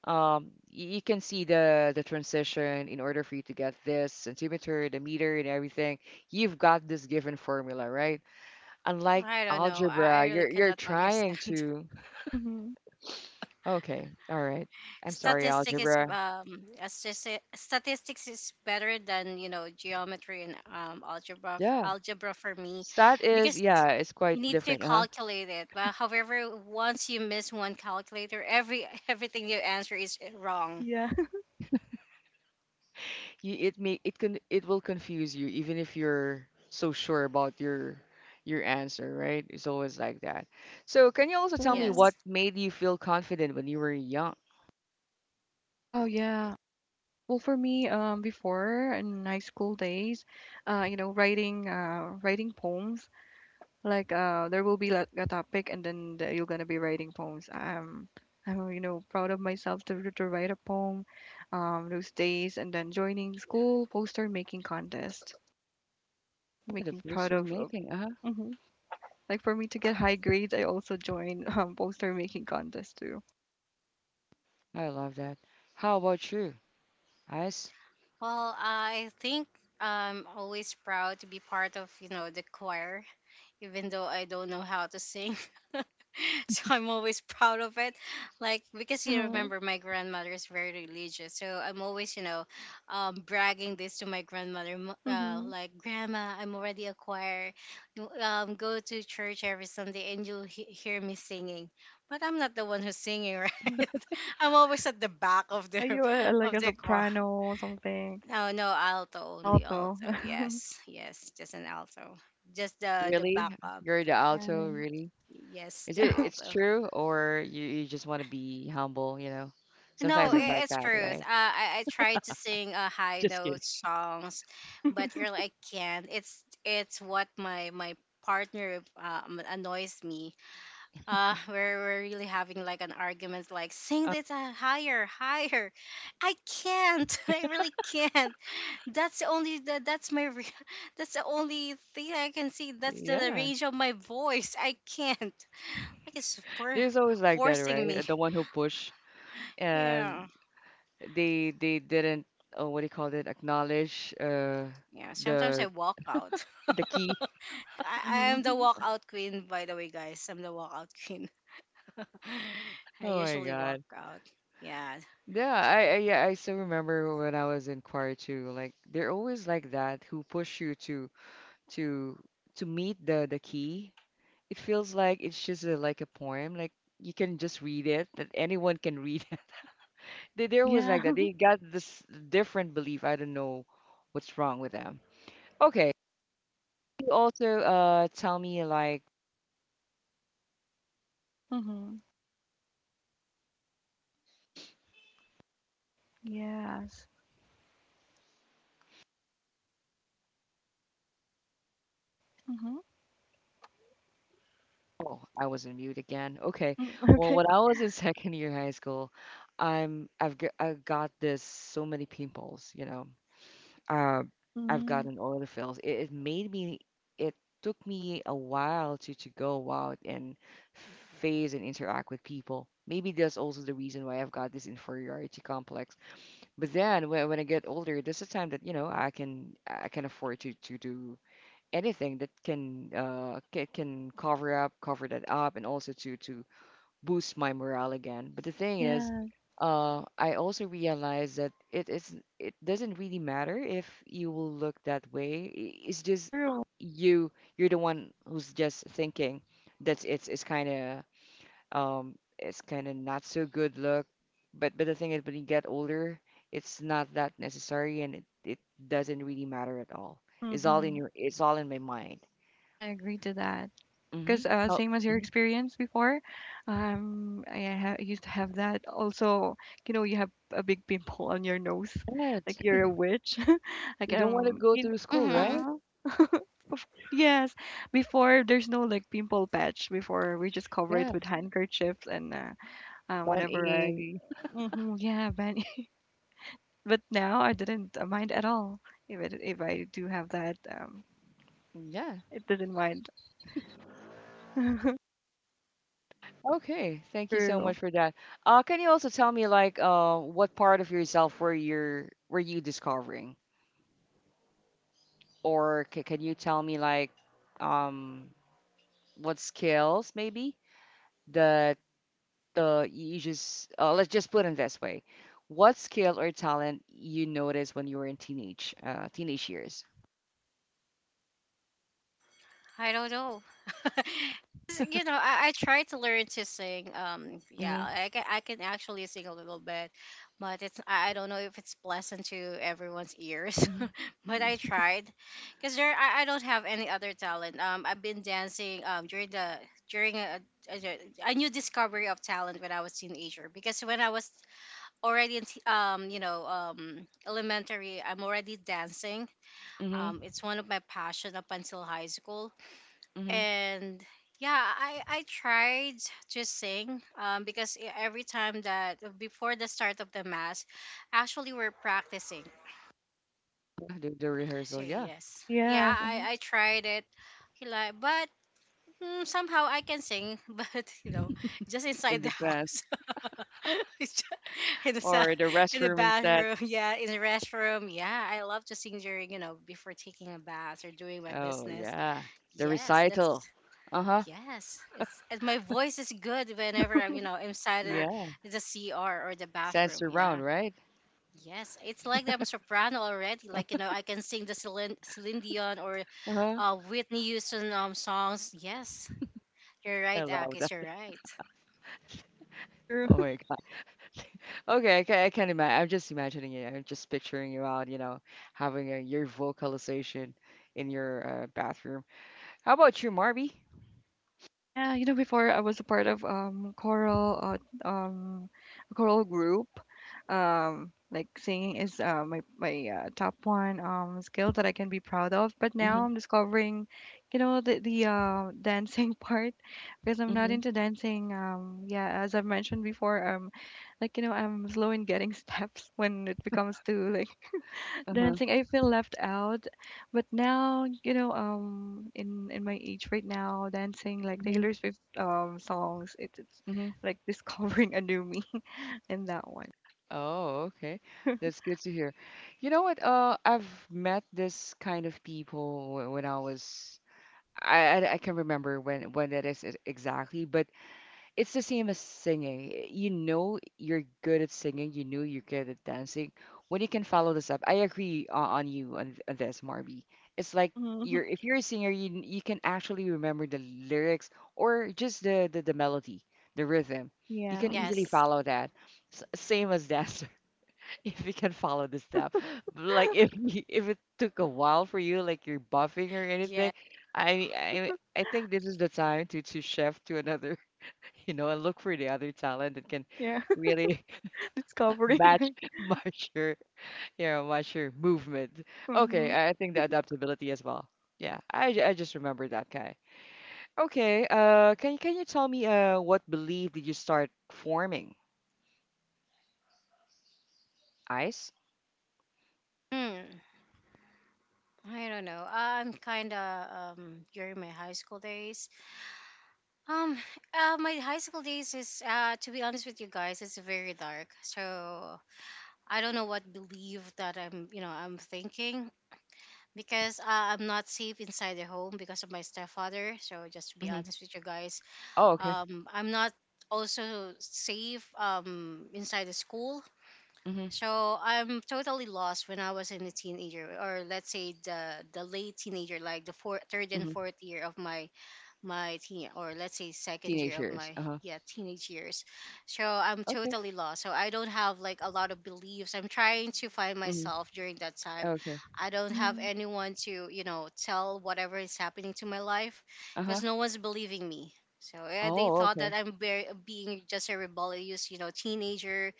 S1: you can see the transition in order for you to get this centimeter, the meter, and everything you've got this given formula, right? Unlike
S3: I don't know. I
S1: algebra,
S3: really
S1: you're
S3: cannot <laughs>
S1: trying
S3: understand.
S1: to.
S2: Mhm. <laughs>
S1: Okay, all right. I'm sorry, algebra.
S3: Statistics is better than, you know, geometry and algebra
S1: Yeah,
S3: algebra for me
S1: stat is
S3: because
S1: yeah, it's
S3: you
S1: quite
S3: need to
S1: different, huh?
S3: calculate it, but however, once you miss one calculator, every <laughs> everything you answer is wrong.
S2: Yeah. <laughs>
S1: You, it may it can it will confuse you even if you're so sure about your answer, right? It's always like that. So, can you also tell me what
S3: Yes,
S1: made you feel confident when you were young?
S2: Oh yeah. Well, for me, before in high school days, you know, writing, writing poems. Like there will be like a topic, and then you're gonna be writing poems. I'm, you know, proud of myself to write a poem, those days, and then joining school poster making contest, like
S1: Oh, the
S2: making proud
S1: poster
S2: of. Of
S1: making, uh-huh.
S2: mhm. Like for me to get high grades, I also join <laughs> poster making contest too.
S1: I love that. How about you, Ice?
S3: well, I think I'm always proud to be part of, you know, the choir, even though I don't know how to sing. <laughs> So I'm always proud of it. Like, because you
S2: Uh-huh.
S3: remember my grandmother is very religious, so I'm always, you know, bragging this to my grandmother.
S2: Mm-hmm.
S3: Like, grandma, I'm already a choir. You, go to church every Sunday and you'll hear me singing. But I'm not the one who's singing, <laughs> right? I'm always at the back
S2: Are you a, like
S3: of
S2: a
S3: the choir.
S2: soprano or something?
S3: No, no, alto only,
S2: Alto.
S3: alto.
S2: <laughs>
S3: Yes, yes, just an alto, just the
S1: Really?
S3: backup.
S1: You're the
S2: Yeah.
S1: alto, really?
S3: Yes,
S1: Is
S3: the
S1: it it's
S3: alto.
S1: true or you just want to be humble, you know? Sometimes
S3: No,
S1: it's like
S3: it's
S1: that,
S3: truth.
S1: right?
S3: I try to sing
S1: <laughs>
S3: high
S1: Just kidding.
S3: note songs, but
S2: <laughs>
S3: you're like I can't. It's what my partner annoys me. We're really having like an argument, like sing
S1: Um,
S3: this higher, higher. I can't. <laughs> I really can't. That's the only that, that's my re- <laughs> that's the only thing I can see. That's the
S1: yeah.
S3: range of my voice. I can't. <laughs> Like it's for
S1: There's always like that,
S3: forcing me.
S1: right? The one who push and
S3: Yeah.
S1: they didn't oh, what do you call it? Acknowledge,
S3: Yeah, sometimes I
S1: the
S3: walk out. <laughs>
S1: <laughs> the key.
S3: I am the
S2: Mm-hmm.
S3: walkout queen, by the way, guys. I'm the walkout queen. <laughs> I
S1: Oh my
S3: usually walk
S1: God.
S3: out. Yeah.
S1: Yeah, I yeah, I still remember when I was in choir too. Like they're always like that who push you to to to meet the key. It feels like it's just a, like a poem. Like you can just read it, that anyone can read <laughs> it. They're always like
S2: Yeah.
S1: that. They got this different belief. I don't know what's wrong with them. Okay. You also tell me like,
S2: <laughs> Mm-hmm. Yes.
S1: oh, I was in mute again. Okay.
S2: Mm-hmm.
S1: Well,
S2: Okay.
S1: when I was in <laughs> second year high school, I got this so many pimples, you know. uh, I've
S2: Mm,
S1: gotten oil fills. It made me, it took me a while to go out and phase and interact with people. Maybe that's also the reason why I've got this inferiority complex. But then when I get older, there's a time that, you know, I can afford to do anything that can cover up, cover that up and also to boost my morale again. But the thing is,
S2: yeah,
S1: I also realize that it is it doesn't really matter if you will look that way. It's just
S2: true.
S1: you you're the one who's just thinking that it's kind of not so good look. But the thing is, when you get older, it's not that necessary, and it doesn't really matter at all. It's all in
S2: Hmm
S1: your it's all in my mind.
S2: I agree to that.
S1: Mm-hmm.
S2: Because
S1: Oh,
S2: same as your
S1: mhm.
S2: experience before, I ha used to have that. Also, you know, you have a big pimple on your nose,
S1: Yes.
S2: like you're a witch. <laughs> Like
S1: You don't want to go
S2: you,
S1: to school,
S3: Mm-hmm.
S1: right?
S2: uh-huh. Yes. Before there's no like pimple patch. Before we just cover it with
S1: Yes.
S2: handkerchiefs and whenever
S1: 180.
S2: hmm yeah, but <laughs> but now I didn't mind at all. If it, if I do have that,
S1: Yeah.
S2: it doesn't mind. <laughs>
S1: Okay. Thank you so
S2: True.
S1: much for that. Can you also tell me like, what part of yourself were you discovering? Or c can you tell me like um what skills maybe that you just let's just put it this way. What skill or talent you noticed when you were in teenage teenage years?
S3: I don't know. <laughs> 'Cause, you know, I try to learn to sing. Yeah,
S1: Mm-hmm.
S3: I can actually sing a little bit, but it's I don't know if it's pleasant to everyone's ears.
S1: Mm-hmm.
S3: <laughs> But I tried, cause there I don't have any other talent. I've been dancing during the during a, a, a new discovery of talent when I was teenager. Because when I was already in you know elementary, I'm already dancing.
S1: Mm-hmm.
S3: It's one of my passion up until high school,
S1: Mm-hmm.
S3: and yeah, I tried to sing because every time that before the start of the mass, actually, we're practicing.
S1: The
S3: So
S1: rehearsal, yeah,
S3: yes, yeah,
S2: Yes.
S3: I tried it. He like but mm, somehow I can sing, <laughs> but you know, just
S1: in
S3: inside the
S1: the past,
S3: house. <laughs> It's ju- in the sa-
S1: or the
S3: In the
S1: restroom instead.
S3: bathroom. <laughs> Yeah, in the restroom. Yeah, I love to sing during, you know, before taking a bath or doing my
S1: Oh
S3: business.
S1: yeah, the
S3: Yes, that's
S1: recital. Uh-huh.
S3: yes, it's, and my voice is good whenever I'm, you know, inside
S1: Yeah,
S3: the CR or the
S1: Sans
S3: bathroom. Yeah.
S1: around, right?
S3: Yes, it's like I'm soprano already. Like, you know, I can sing the Celine Dion or
S1: Uh-huh.
S3: Whitney Houston songs. Yes, you're
S1: I
S3: right,
S1: love
S3: Akis.
S1: that.
S3: You're right.
S2: True.
S1: Oh
S2: <laughs>
S1: my God. Okay, I can imagine. I'm just imagining it. I'm just picturing you out, you know, having a, your vocalization in your, bathroom. How about you, Marby?
S2: Yeah. You know, before I was a part of choral a choral group. Like, singing is my my top one skill that I can be proud of. But now
S1: Mm-hmm.
S2: I'm discovering, you know, the dancing <laughs> part because I'm not
S1: Mm-hmm.
S2: into dancing. Yeah. As I've mentioned before, like, you know, I'm slow in getting <laughs> steps when it becomes to like
S1: Uh-huh.
S2: dancing, I feel left out. But now, you know, in my age right now, dancing like
S1: Mm-hmm.
S2: Taylor Swift songs, it, it's
S1: Mm-hmm.
S2: like <laughs> discovering a new me <laughs> in that one.
S1: Oh, okay.
S2: <laughs>
S1: That's good to hear. You know what? I've met this kind of people when I was. I can't remember when that is exactly, but it's the same as singing. You know you're good at singing, you know you're good at dancing. When you can follow this up, I agree on you on, on this, Marby. It's like
S2: hmm
S1: you're if you're a singer, you can actually remember the lyrics or just the melody, the rhythm. You
S2: Yeah,
S1: can
S2: mhm.
S1: easily
S3: Yes.
S1: follow that. S Same as dancer, <laughs> if you can follow the step. But, like if you, if it took a while for you, like you're buffing or
S3: Yeah.
S1: anything, I think this is the time to shift to another you know, and look for the other talent that can
S2: Yeah,
S1: really <laughs>
S2: <laughs>
S1: match
S2: discovering. <laughs>
S1: your you know match your movement. Okay,
S2: mm-hmm.
S1: I think the adaptability as well. Yeah, I just remember that guy. Okay, can you tell me, what belief did you start forming? Ice?
S3: Hmm. I don't know. I'm kind of during my high school days. Um, my high school days is to be honest with you guys, it's very dark. So I don't know what belief that I'm, you know, I'm thinking because I'm not safe inside the home because of my stepfather. So just to be
S1: Mm-hmm.
S3: honest with you guys,
S1: Oh, okay.
S3: I'm not also safe inside the school.
S1: Mm-hmm.
S3: So I'm totally lost when I was in a teenager, or let's say the late teenager, like the four, third and
S1: Mm-hmm.
S3: fourth year of my my teen, or let's say second year
S1: Teenage
S3: of
S1: years.
S3: my
S1: Uh-huh.
S3: yeah teenage years. So I'm
S1: Okay.
S3: totally lost, so I don't have like a lot of beliefs. I'm trying to find
S1: Mm-hmm.
S3: myself during that time.
S1: Okay.
S3: I don't have
S2: Mm-hmm.
S3: anyone to, you know, tell whatever is happening to my life
S1: Uh-huh.
S3: because no one's believing me. So yeah, they
S1: Oh,
S3: thought that
S1: okay.
S3: I'm very, being just a rebellious, you know, teenager,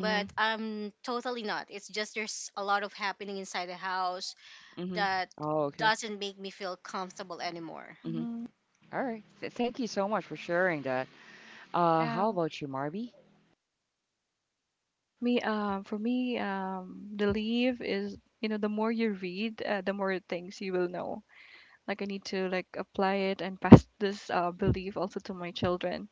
S1: Mm-hmm.
S3: I'm totally not. It's just there's a lot of happening inside the house
S1: Mm-hmm.
S3: that
S1: Oh, okay.
S3: doesn't make me feel comfortable anymore.
S1: Mm-hmm.
S2: Mm-hmm.
S1: All right. Th Thank you so much for sharing that. How
S2: Yeah.
S1: about you, Marby?
S2: Me, for me, the leave is, you know, the more you read, the more things you will know. Like I need to like apply it and pass this belief also to my children.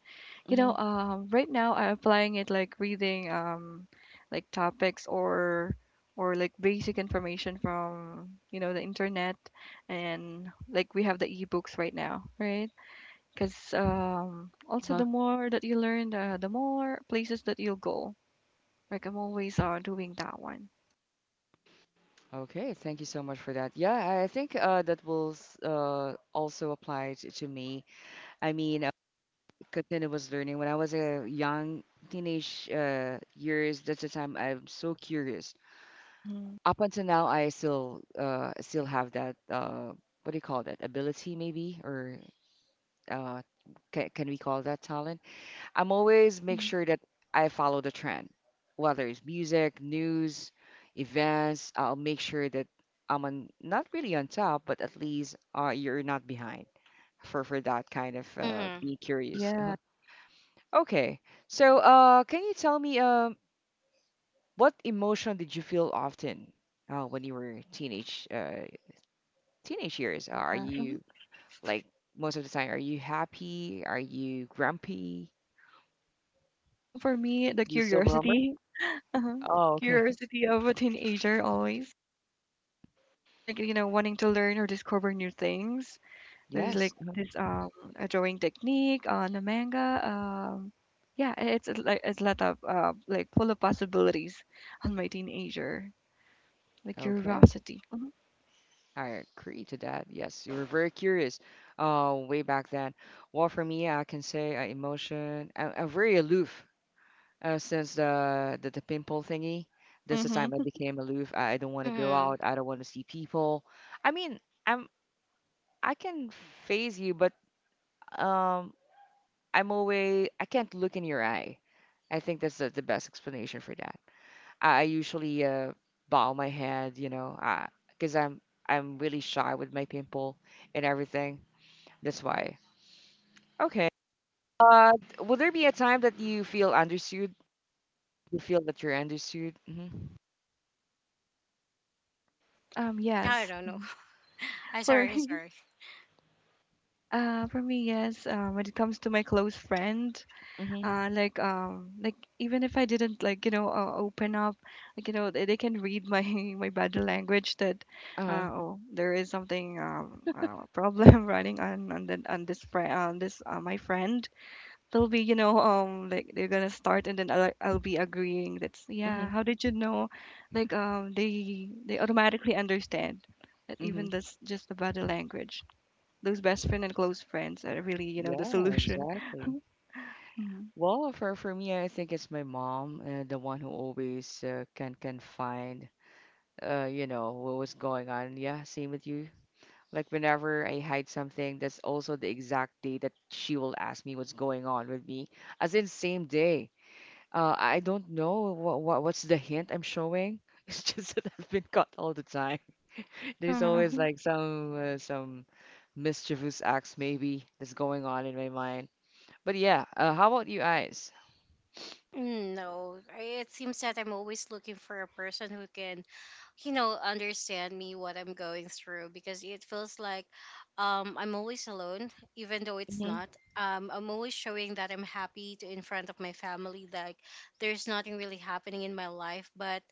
S2: Right now I'm applying it like reading like topics or like basic information from you know the internet, and like we have the ebooks right now, right? Because also
S1: Uh,
S2: the more that you learn, the more places that you'll go. Like I'm always doing that one.
S1: okay, thank you so much for that. Yeah, I think that will also apply to me. I mean, continuous learning. When I was a young teenage, years, that's the time I'm so curious.
S2: Mm-hmm.
S1: Up until now, I still still have that. What do you call that? Ability, maybe, or uh, can we call that talent? I'm always make
S2: hmm
S1: sure that I follow the trend, whether it's music, news, events. I'll make sure that I'm on, not really on top, but at least you're not behind for that kind of
S3: Hmm.
S1: being curious.
S2: Yeah.
S1: Uh-huh. Okay, so can you tell me what emotion did you feel often when you were teenage teenage years? Are
S2: Yeah. hmm
S1: you like most of the time? Are you happy? Are you grumpy?
S2: For me, the
S1: Do you still remember?
S2: curiosity. <laughs> uh-huh.
S1: Oh, okay. <laughs>
S2: Curiosity of a teenager always. Like you know, wanting to learn or discover new things. There's like
S1: Yes.
S2: this a drawing technique on a manga. Like it's a lot of like full of possibilities on my teenager, like
S1: Okay,
S2: curiosity.
S1: I agree to that. Yes, you were very curious, way back then. Well, for me, I can say emotion. I'm very aloof since the pimple thingy. This is time I
S2: Mm-hmm.
S1: became aloof. I don't want to go
S3: Mm-hmm.
S1: out. I don't want to see people. I mean, I'm I can phase you, but um, I'm always I can't look in your eye. I think that's the best explanation for that. I usually bow my head, you know, because I'm really shy with my pimple and everything. That's why. Okay. Uh, will there be a time that you feel understood? You feel that you're understood? Hmm.
S2: Um,
S3: I
S2: yes.
S3: don't know.
S2: Mhm.
S3: <laughs> I'm
S2: For
S3: sorry,
S2: <laughs>
S3: sorry.
S2: for me, yes, when it comes to my close friend,
S1: Hmm.
S2: like even if I didn't like you know open up, like you know they can read my <laughs> my body language that
S1: Uh-huh.
S2: oh, there is something problem <laughs> running on on this friend, on this my friend. They'll be you know like they're gonna start and then I'll be agreeing that's yeah,
S1: Hmm.
S2: how did you know? Like they automatically understand that even
S1: Hmm.
S2: that's just the body language. Those best friend and close friends are really you know the
S1: Yeah,
S2: solution. <laughs>
S1: exactly.
S2: Mhm.
S1: Well, for me, I think it's my mom, the one who always can find, you know, what was going on. Yeah, same with you. Like whenever I hide something, that's also the exact day that she will ask me what's going on with me. As in same day. I don't know what, what's the hint I'm showing. <laughs> It's just that I've been caught all the time. <laughs> There's always
S2: Mhm.
S1: like some some mischievous acts maybe that's going on in my mind. But yeah, how about you guys?
S3: Mm, no, it seems that I'm always looking for a person who can understand me what I'm going through, because it feels like I'm always alone, even though it's
S1: Hmm.
S3: not. I'm always showing that I'm happy to in front of my family, like there's nothing really happening in my life, but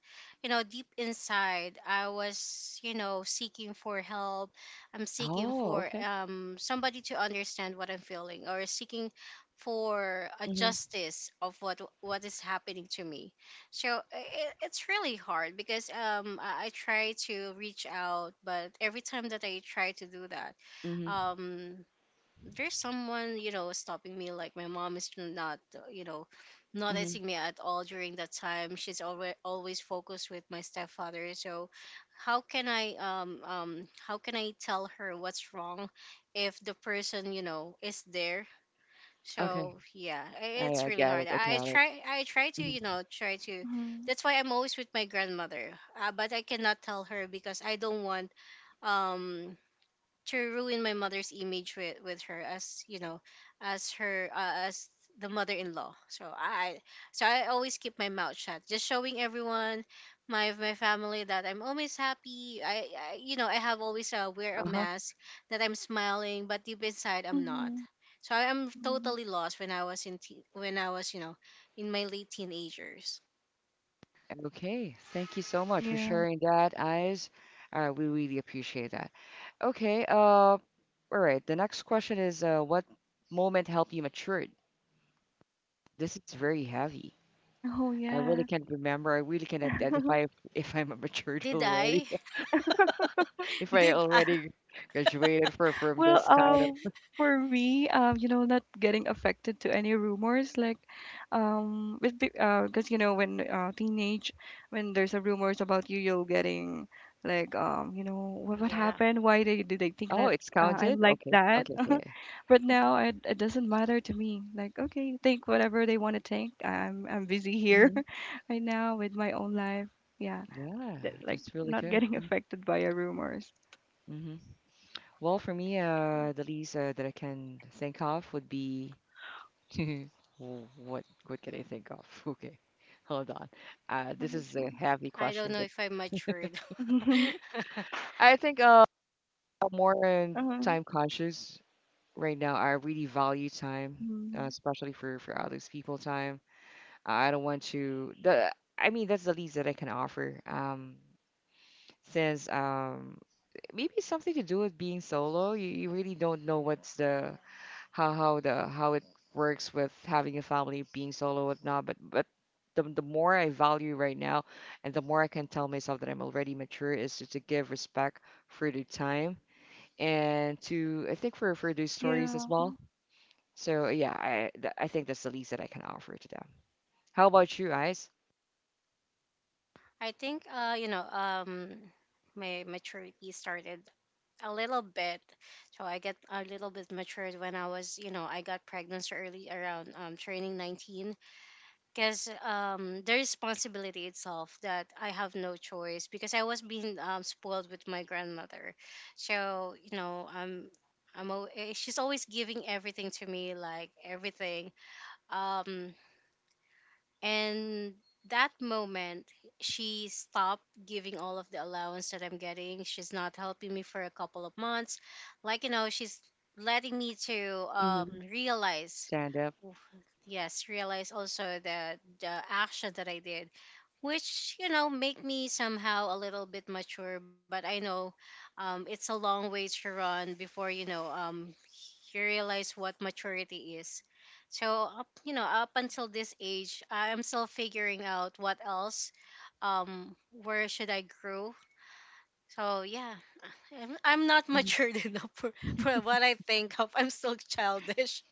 S3: deep inside I was, seeking for help. I'm seeking
S1: Oh,
S3: for
S1: okay.
S3: somebody to understand what I'm feeling, or seeking for a
S1: Mm-hmm.
S3: justice of what is happening to me. So it's really hard because I try to reach out, but every time that I try to do that,
S1: Mm-hmm.
S3: um there's someone, stopping me. Like my mom is not,
S1: Mm-hmm.
S3: noticing me at all during that time. She's always always focused with my stepfather. So how can I tell her what's wrong if the person, is there?
S1: Okay.
S3: So yeah,
S1: I
S3: it's
S1: I
S3: really
S1: get
S3: hard.
S1: it. I get it.
S3: I try to,
S1: Mm-hmm.
S3: try to.
S2: Mhm.
S3: That's why I'm always with my grandmother. But I cannot tell her because I don't want um to ruin my mother's image with her, as you know, as her, as the mother-in-law. So I always keep my mouth shut, just showing everyone, my family, that I'm always happy. I, I you know i have always, wear a
S1: Uh-huh.
S3: mask that I'm smiling, but deep inside I'm not.
S2: Mhm,
S3: So am
S2: mhm.
S3: totally lost when I was in when I was, in my late teenagers.
S1: Okay, thank you so much for
S2: Yeah.
S1: sharing that, Eyes. We really appreciate that. Okay, all right. The next question is, what moment helped you mature? This is very heavy.
S2: Oh,
S1: I really
S2: yeah.
S1: can't remember. I really can't identify if I'm <laughs> a matured
S3: Did
S1: already.
S3: I
S1: <laughs>
S3: <laughs>
S1: If I
S3: did I
S1: already graduated for from
S2: Well,
S1: this kind of.
S2: for me, you know, not getting affected to any rumors, like, with be because you know, when teenage, when there's a rumors about you, you'll getting like, you know, what
S3: Yeah.
S2: happened? Why they think
S1: Oh,
S2: that
S1: it's
S2: I'm
S1: counted.
S2: like
S1: Okay,
S2: that?
S1: okay,
S2: <laughs>
S1: okay.
S2: But now it doesn't matter to me. Like, okay, think whatever they want to think. I'm busy here
S1: Hmm.
S2: <laughs> right now with my own life. Yeah.
S1: Yeah,
S2: That like
S1: that's really
S2: not
S1: good.
S2: getting <laughs> affected by your rumors.
S1: Mm-hmm. Well, for me, the least that I can think of would be. <laughs> W- what can I think of? <laughs> Okay, hold on.
S2: What
S1: This
S2: did
S1: is a
S2: you
S1: heavy
S3: I don't
S1: question,
S3: know
S1: but
S3: if I matured.
S2: want?
S3: <laughs>
S1: I think more
S2: <laughs>
S1: in
S2: uh-huh.
S1: time conscious right now. I really value time,
S2: Mm.
S1: especially for others people time. I don't want to the I mean that's the least that I can offer. Since maybe it's something to do with being solo. You really don't know what's the how the how it works with having a family, being solo, whatnot. But the more I value right now, and the more I can tell myself that I'm already mature, is to give respect for the time and to I think for those stories
S2: Yeah.
S1: as well. So yeah, I think that's the least that I can offer to them. How about you guys?
S3: I think, my maturity started a little bit. So I get a little bit matured when I was, you know, I got pregnant so early around turning 19, because the responsibility itself, that I have no choice, because I was being spoiled with my grandmother. So, you know, I'm eh, she's always giving everything to me, like everything. Um and that moment, she stopped giving all of the allowance that I'm getting. She's not helping me for a couple of months. Like, you know, she's letting me to,
S1: Hmm.
S3: realize,
S1: Stand up.
S3: yes, realize also the action that I did, which you know make me somehow a little bit mature, but I know, it's a long way to run before, you know, you realize what maturity is. So up, you know, up until this age I'm still figuring out what else, um, where should I grow. So yeah, I'm not
S1: Mhm.
S3: matured <laughs> enough for what I think of. I'm still childish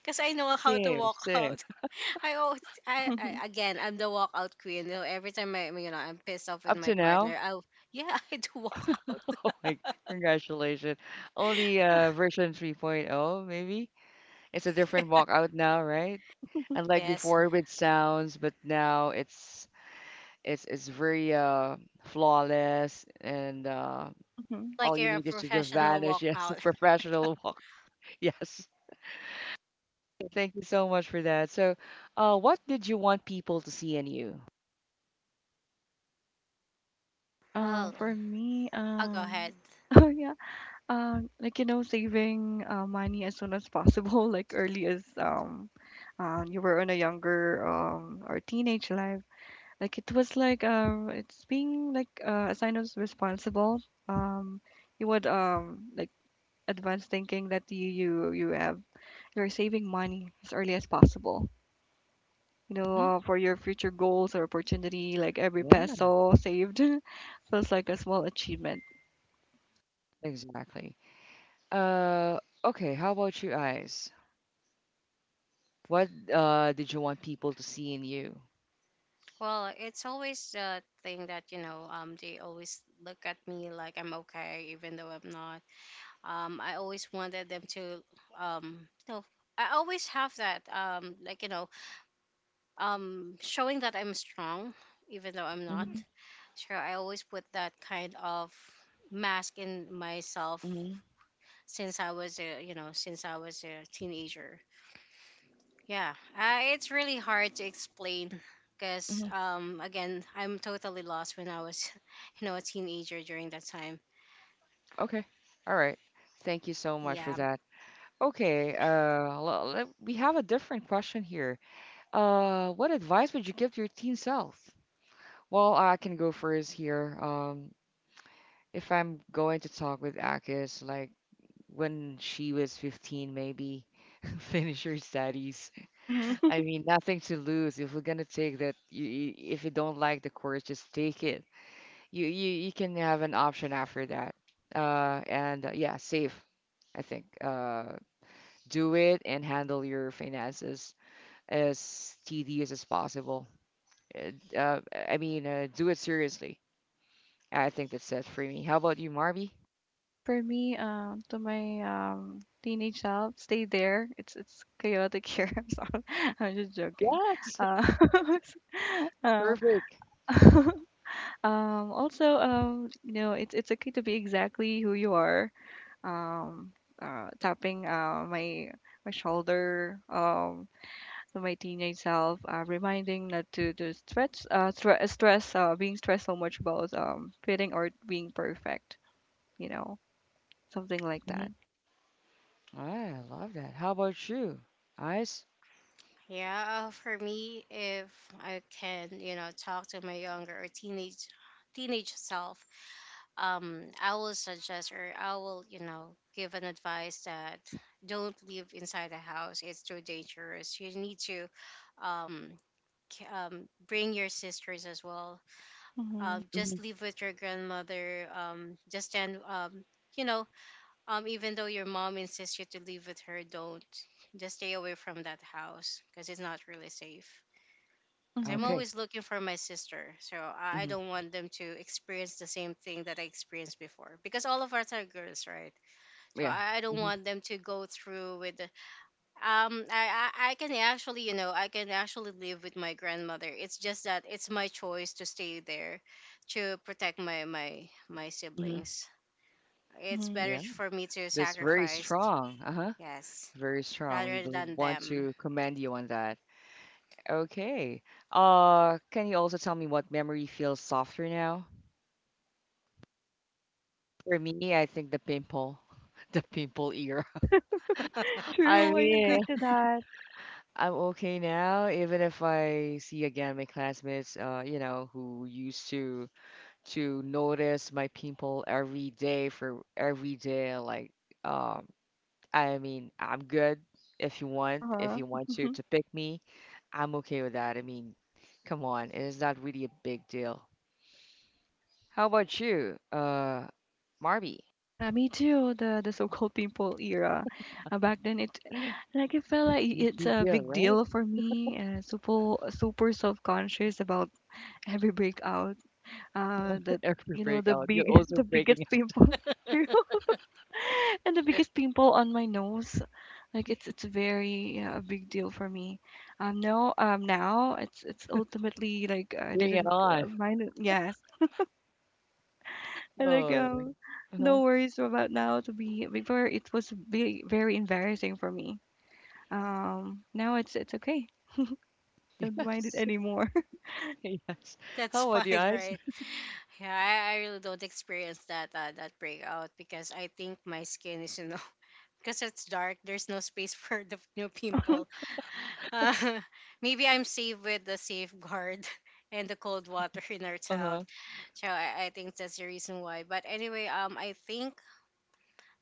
S3: because I know how to
S1: Same,
S3: walk
S1: same.
S3: out. <laughs> I always, I
S2: <laughs>
S3: again, I'm the walkout queen. You know, every time I, you know, I'm pissed off with
S1: Up
S3: my
S1: to now.
S3: partner. Yeah, <laughs> I do walk out.
S1: <laughs> Oh my, congratulations. Only
S3: <laughs>
S1: version 3.0 maybe. It's a different walkout now, right? Unlike
S3: Yes,
S1: before with sounds, but now it's it's very flawless and
S2: hmm
S3: like
S1: all you
S3: you're a
S1: need is to just
S3: professional
S1: vanish. <laughs> Yes, a
S3: walkout. <laughs>
S1: professional walk. <laughs> Yes. Thank you so much for that. So, what did you want people to see in you?
S3: Well,
S2: For me,
S3: I'll go ahead.
S2: <laughs> oh yeah, like you know, saving money as soon as possible, <laughs> like early as you were in a younger or teenage life. Like it was like it's being like a sign of responsible. Um, you would like advanced thinking that you have, you're saving money as early as possible. You know,
S1: Mhm.
S2: for your future goals or opportunity, like every
S1: Yeah,
S2: peso saved <laughs> feels like a small achievement.
S1: exactly. Uh okay, how about you guys? What did you want people to see in you?
S3: Well, it's always the thing that, you know. They always look at me like I'm okay, even though I'm not. I always wanted them to. Um, you know, I always have that. Showing that I'm strong, even though I'm not. Sure, I always put that kind of mask in myself
S1: Hmm.
S3: since I was a, you know, since I was a teenager. Yeah, it's really hard to explain because,
S1: Hmm.
S3: again, I'm totally lost when I was, <laughs> you know, a teenager during that time.
S1: Okay. All right. Thank you so much for
S3: Yeah,
S1: that. Okay. Le- le- we have a different question here. What advice would you give to your teen self? Well, I can go first here. If I'm going to talk with Akis, like when she was 15, maybe <laughs> finish her studies.
S2: Hmm
S1: I
S2: <laughs>
S1: mean, nothing to lose. If we're gonna take that, you, if you don't like the course, just take it. You can have an option after that. And yeah, save. I think do it and handle your finances as tedious as possible. Uh, uh, I mean, do it seriously. I think that's it for me. How about you, Marby?
S2: For me, to my teenage self, stay there. It's chaotic here. <laughs> I'm sorry. I'm just joking.
S1: Yes,
S2: Uh, <laughs> uh,
S1: perfect.
S2: <laughs> also, you know, it's okay to be exactly who you are. Um, tapping my my shoulder. So my teenage self, reminding not to stretch, stress, being stressed so much about fitting or being perfect, you know, something like that.
S1: Hmm. I love that. How about you, Ice?
S3: yeah. For me, if I can, you know, talk to my younger or teenage, teenage self, I will suggest, or I will, you know, give an advice that don't live inside the house. It's too dangerous. You need to um, bring your sisters as well.
S2: Mhm,
S1: Hmm.
S3: Just live with your grandmother. Just stand, you know, even though your mom insists you to live with her, don't. Just stay away from that house because it's not really safe. 'Cause I'm
S2: mhm,
S1: Okay.
S3: always looking for my sister. So I
S1: Hmm.
S3: don't want them to experience the same thing that I experienced before, because all of us are girls, right? So
S1: Yeah.
S3: I don't
S1: Hmm.
S3: want them to go through with. I can actually, you know, I can actually live with my grandmother. It's just that it's my choice to stay there, to protect my my
S1: Hmm.
S3: siblings. It's
S2: mhm.
S3: better
S1: Yeah.
S3: for me to
S1: That's very
S3: sacrifice,
S1: strong. Uh-huh.
S3: yes,
S1: Very strong. We
S3: rather
S1: will
S3: than
S1: want
S3: them.
S1: to commend you on that. Okay. Can you also tell me what memory feels softer now? For me, I think the pimple, <laughs> the pimple era.
S2: Yeah, <laughs>
S1: <laughs> I
S2: true. I
S1: mean,
S2: agree to that.
S1: I'm okay now, even if I see again my classmates, you know, who used to notice my pimple every day for every day. Like, um, I mean, I'm good.
S2: Uh
S1: If
S2: huh.
S1: you want to
S2: <laughs>
S1: pick me, I'm okay with that. I mean, come on, it is not really a big deal. How about you, Marby?
S2: Yeah, me too. The so-called pimple era. Back then, it like it felt like
S1: No
S2: it's
S1: big
S2: a
S1: deal,
S2: big
S1: right?
S2: deal for me. Super super self-conscious about every breakout. That
S1: Every
S2: you know the
S1: breakout, you're
S2: big <laughs> the
S1: also
S2: biggest
S1: breaking out.
S2: pimple. <laughs> True. <laughs> and the biggest pimple on my nose. Like it's very yeah, a big deal for me. No, now it's ultimately like I
S1: Bring it
S2: didn't
S1: on.
S2: mind it. Yes, and like
S1: Oh, uh-huh.
S2: no worries about now. To be before, it was very very embarrassing for me. Now it's okay. Don't mind it
S1: Yes,
S2: anymore.
S1: <laughs> yes.
S3: That's
S1: How
S3: <laughs>
S1: about you
S3: fine,
S1: guys?
S3: right? Yeah, I really don't experience that, that breakout, because I think my skin is, you know, <laughs> because it's dark. There's no space <laughs> for the new pimple. Uh, <laughs> maybe I'm safe with the safeguard <laughs> and the cold water in our town.
S1: Uh-huh.
S3: So I think that's the reason why. But anyway, I think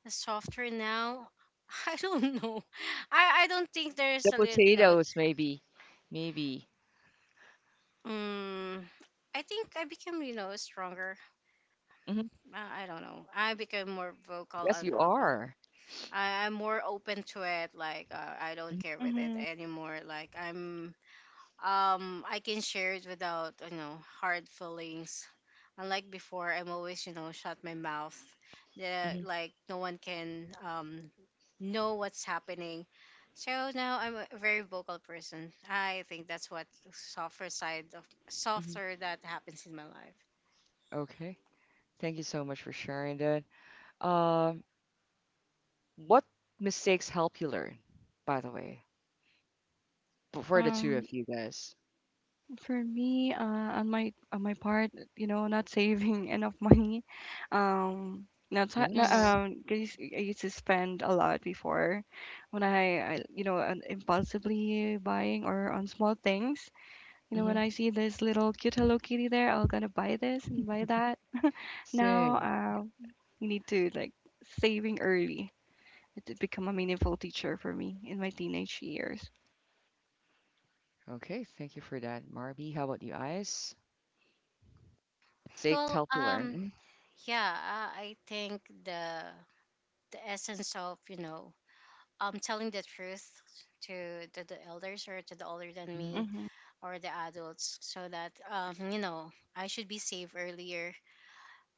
S3: the software now. <laughs> I don't know. I don't think there's
S1: The
S3: a little no. It's,
S1: potatoes, maybe. Maybe.
S3: um, I think I became, you know, stronger.
S1: Hmm.
S3: I don't know. I became more vocal
S1: Yes,
S3: and
S1: you
S3: up.
S1: are.
S3: I'm more open to it. Like, I don't care
S2: <laughs>
S3: with it
S2: hmm
S3: anymore. Like I'm, I can share it without, you know, hard feelings. Unlike before, I'm always, you know, shut my mouth. The,
S1: Mm-hmm.
S3: like no one can know what's happening. So now I'm a very vocal person. I think that's what softer side of
S1: Hmm.
S3: softer that happens in my life.
S1: Okay. Thank you so much for sharing that. Um, what mistakes help you learn, by the way, f- for the two
S2: Um,
S1: of you guys?
S2: For me, on my part, you know, not saving <laughs> enough money, not, sa- not
S1: Yes.
S3: Hmm.
S2: cause I used to spend a lot before, when I you know, on impulsively buying or on small things. You know, when
S1: Mm-hmm.
S2: I see this little cute Hello Kitty there, I'll gonna buy this and buy that. Now,
S1: Same.
S2: you need to like saving early. It did become a meaningful teacher for me in my teenage years.
S1: Okay. Thank you for that, Marby. How about you guys? Mistakes
S3: Well,
S1: help you learn.
S3: yeah, I think the essence of, you know, telling the truth to the elders, or to the older than
S1: Mm-hmm.
S3: me,
S2: Mhm.
S3: or the adults, so that, you know, I should be safe earlier,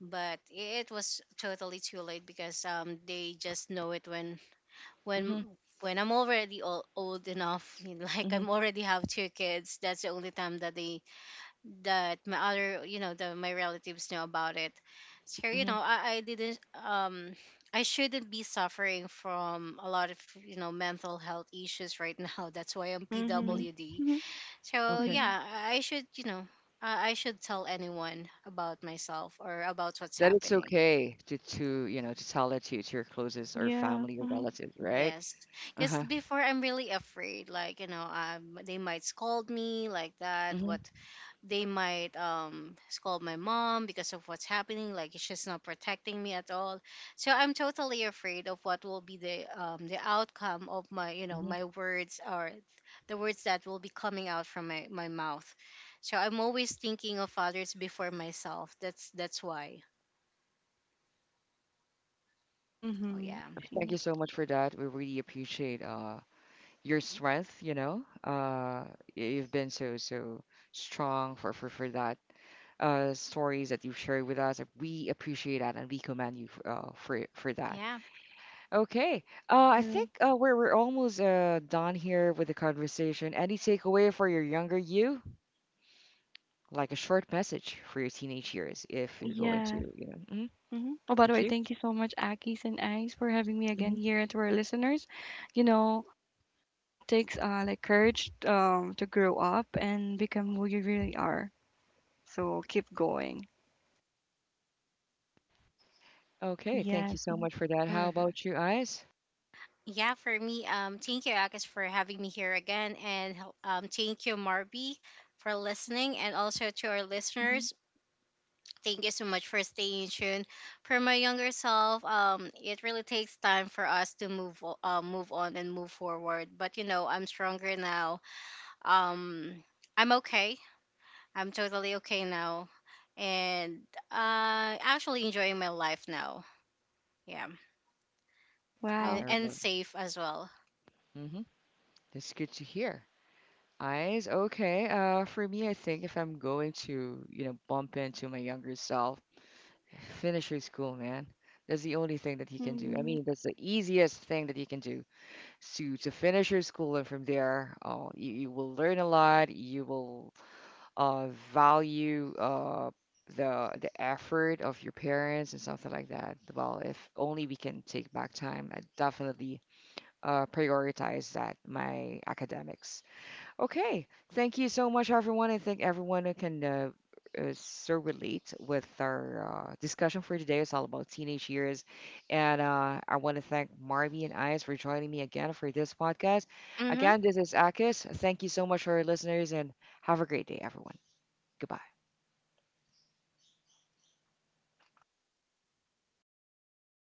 S3: but it was totally too late because, they just know it when
S1: Mm-hmm.
S3: when I'm already old, old enough <laughs> like
S1: Mm-hmm.
S3: I'm already have two kids. That's the only time that they, that my other, you know, the my relatives know about it. So, you know, I didn't um I shouldn't be suffering from a lot of, you know, mental health issues right now. <laughs> That's why I'm
S2: Mhm.
S1: Hmm.
S3: PWD.
S2: Mhm.
S3: So
S1: Okay.
S3: yeah,
S2: <laughs>
S3: I should, you know, I should tell anyone about myself, or about what's
S1: That it's
S3: happening.
S1: okay to you know to tell it to your closest or
S2: Yeah.
S1: family or
S2: Mm-hmm.
S1: relatives, right?
S3: Yes, because
S1: Uh-huh.
S3: before I'm really afraid, like, you know, they might scold me, like that, what
S1: Hmm.
S3: they might scold my mom because of what's happening, like she's not protecting me at all. So I'm totally afraid of what will be the outcome of my, you know,
S1: Hmm.
S3: my words, or the words that will be coming out from my mouth. So I'm always thinking of others before myself. That's why. Oh
S2: Mhm. I
S3: yeah.
S1: Thank
S2: see.
S1: you so much for that. We really appreciate your strength, you know. Y- you've been so so strong for for that stories that you've shared with us. We appreciate that and we commend you for that.
S3: Yeah.
S1: Okay. I think
S2: True.
S1: we're almost done here with the conversation. Any takeaway for your younger you? Like a short message for your teenage years if you're going to,
S2: Yes.
S1: you know. Hmm.
S2: hmm Oh, by the
S1: Thank
S2: way,
S1: you.
S2: thank you so much, Akis and Ice, for having me again
S1: Hmm.
S2: here and to our listeners. You know, it takes like courage to grow up and become who you really are. So keep going.
S1: Okay, thank
S2: Yes.
S1: you so much for that. How
S3: Hmm.
S1: about you, Eyes?
S3: Yeah, for me, thank you, Akis, for having me here again, and um, thank you, Marby, for listening, and also to our
S2: hmm
S3: listeners. Thank you so much for staying tuned. For my younger self, it really takes time for us to move, move on and move forward. But you know, I'm stronger now. Um, I'm okay. I'm totally okay now, and actually enjoying my life now. Yeah,
S2: Wow.
S1: Mm-hmm.
S3: and safe as well.
S1: That's good to hear. Eyes, okay. For me, I think if I'm going to, you know, bump into my younger self, finish your school, man. That's the only thing that you can do. I
S2: hmm
S1: mean, that's the easiest thing that you can do. So to finish your school, and from there, oh, you will learn a lot. You will uh, value the effort of your parents and something like that. Well, if only we can take back time, I definitely prioritize that my academics. Okay, thank you so much, everyone. I think everyone who can. So relate with our discussion for today. It's all about teenage years, and I want to thank Marvy and Ice for joining me again for this podcast.
S3: Mm-hmm.
S1: Again, this is Akis. Thank you so much for our listeners, and have a great day, everyone. Goodbye.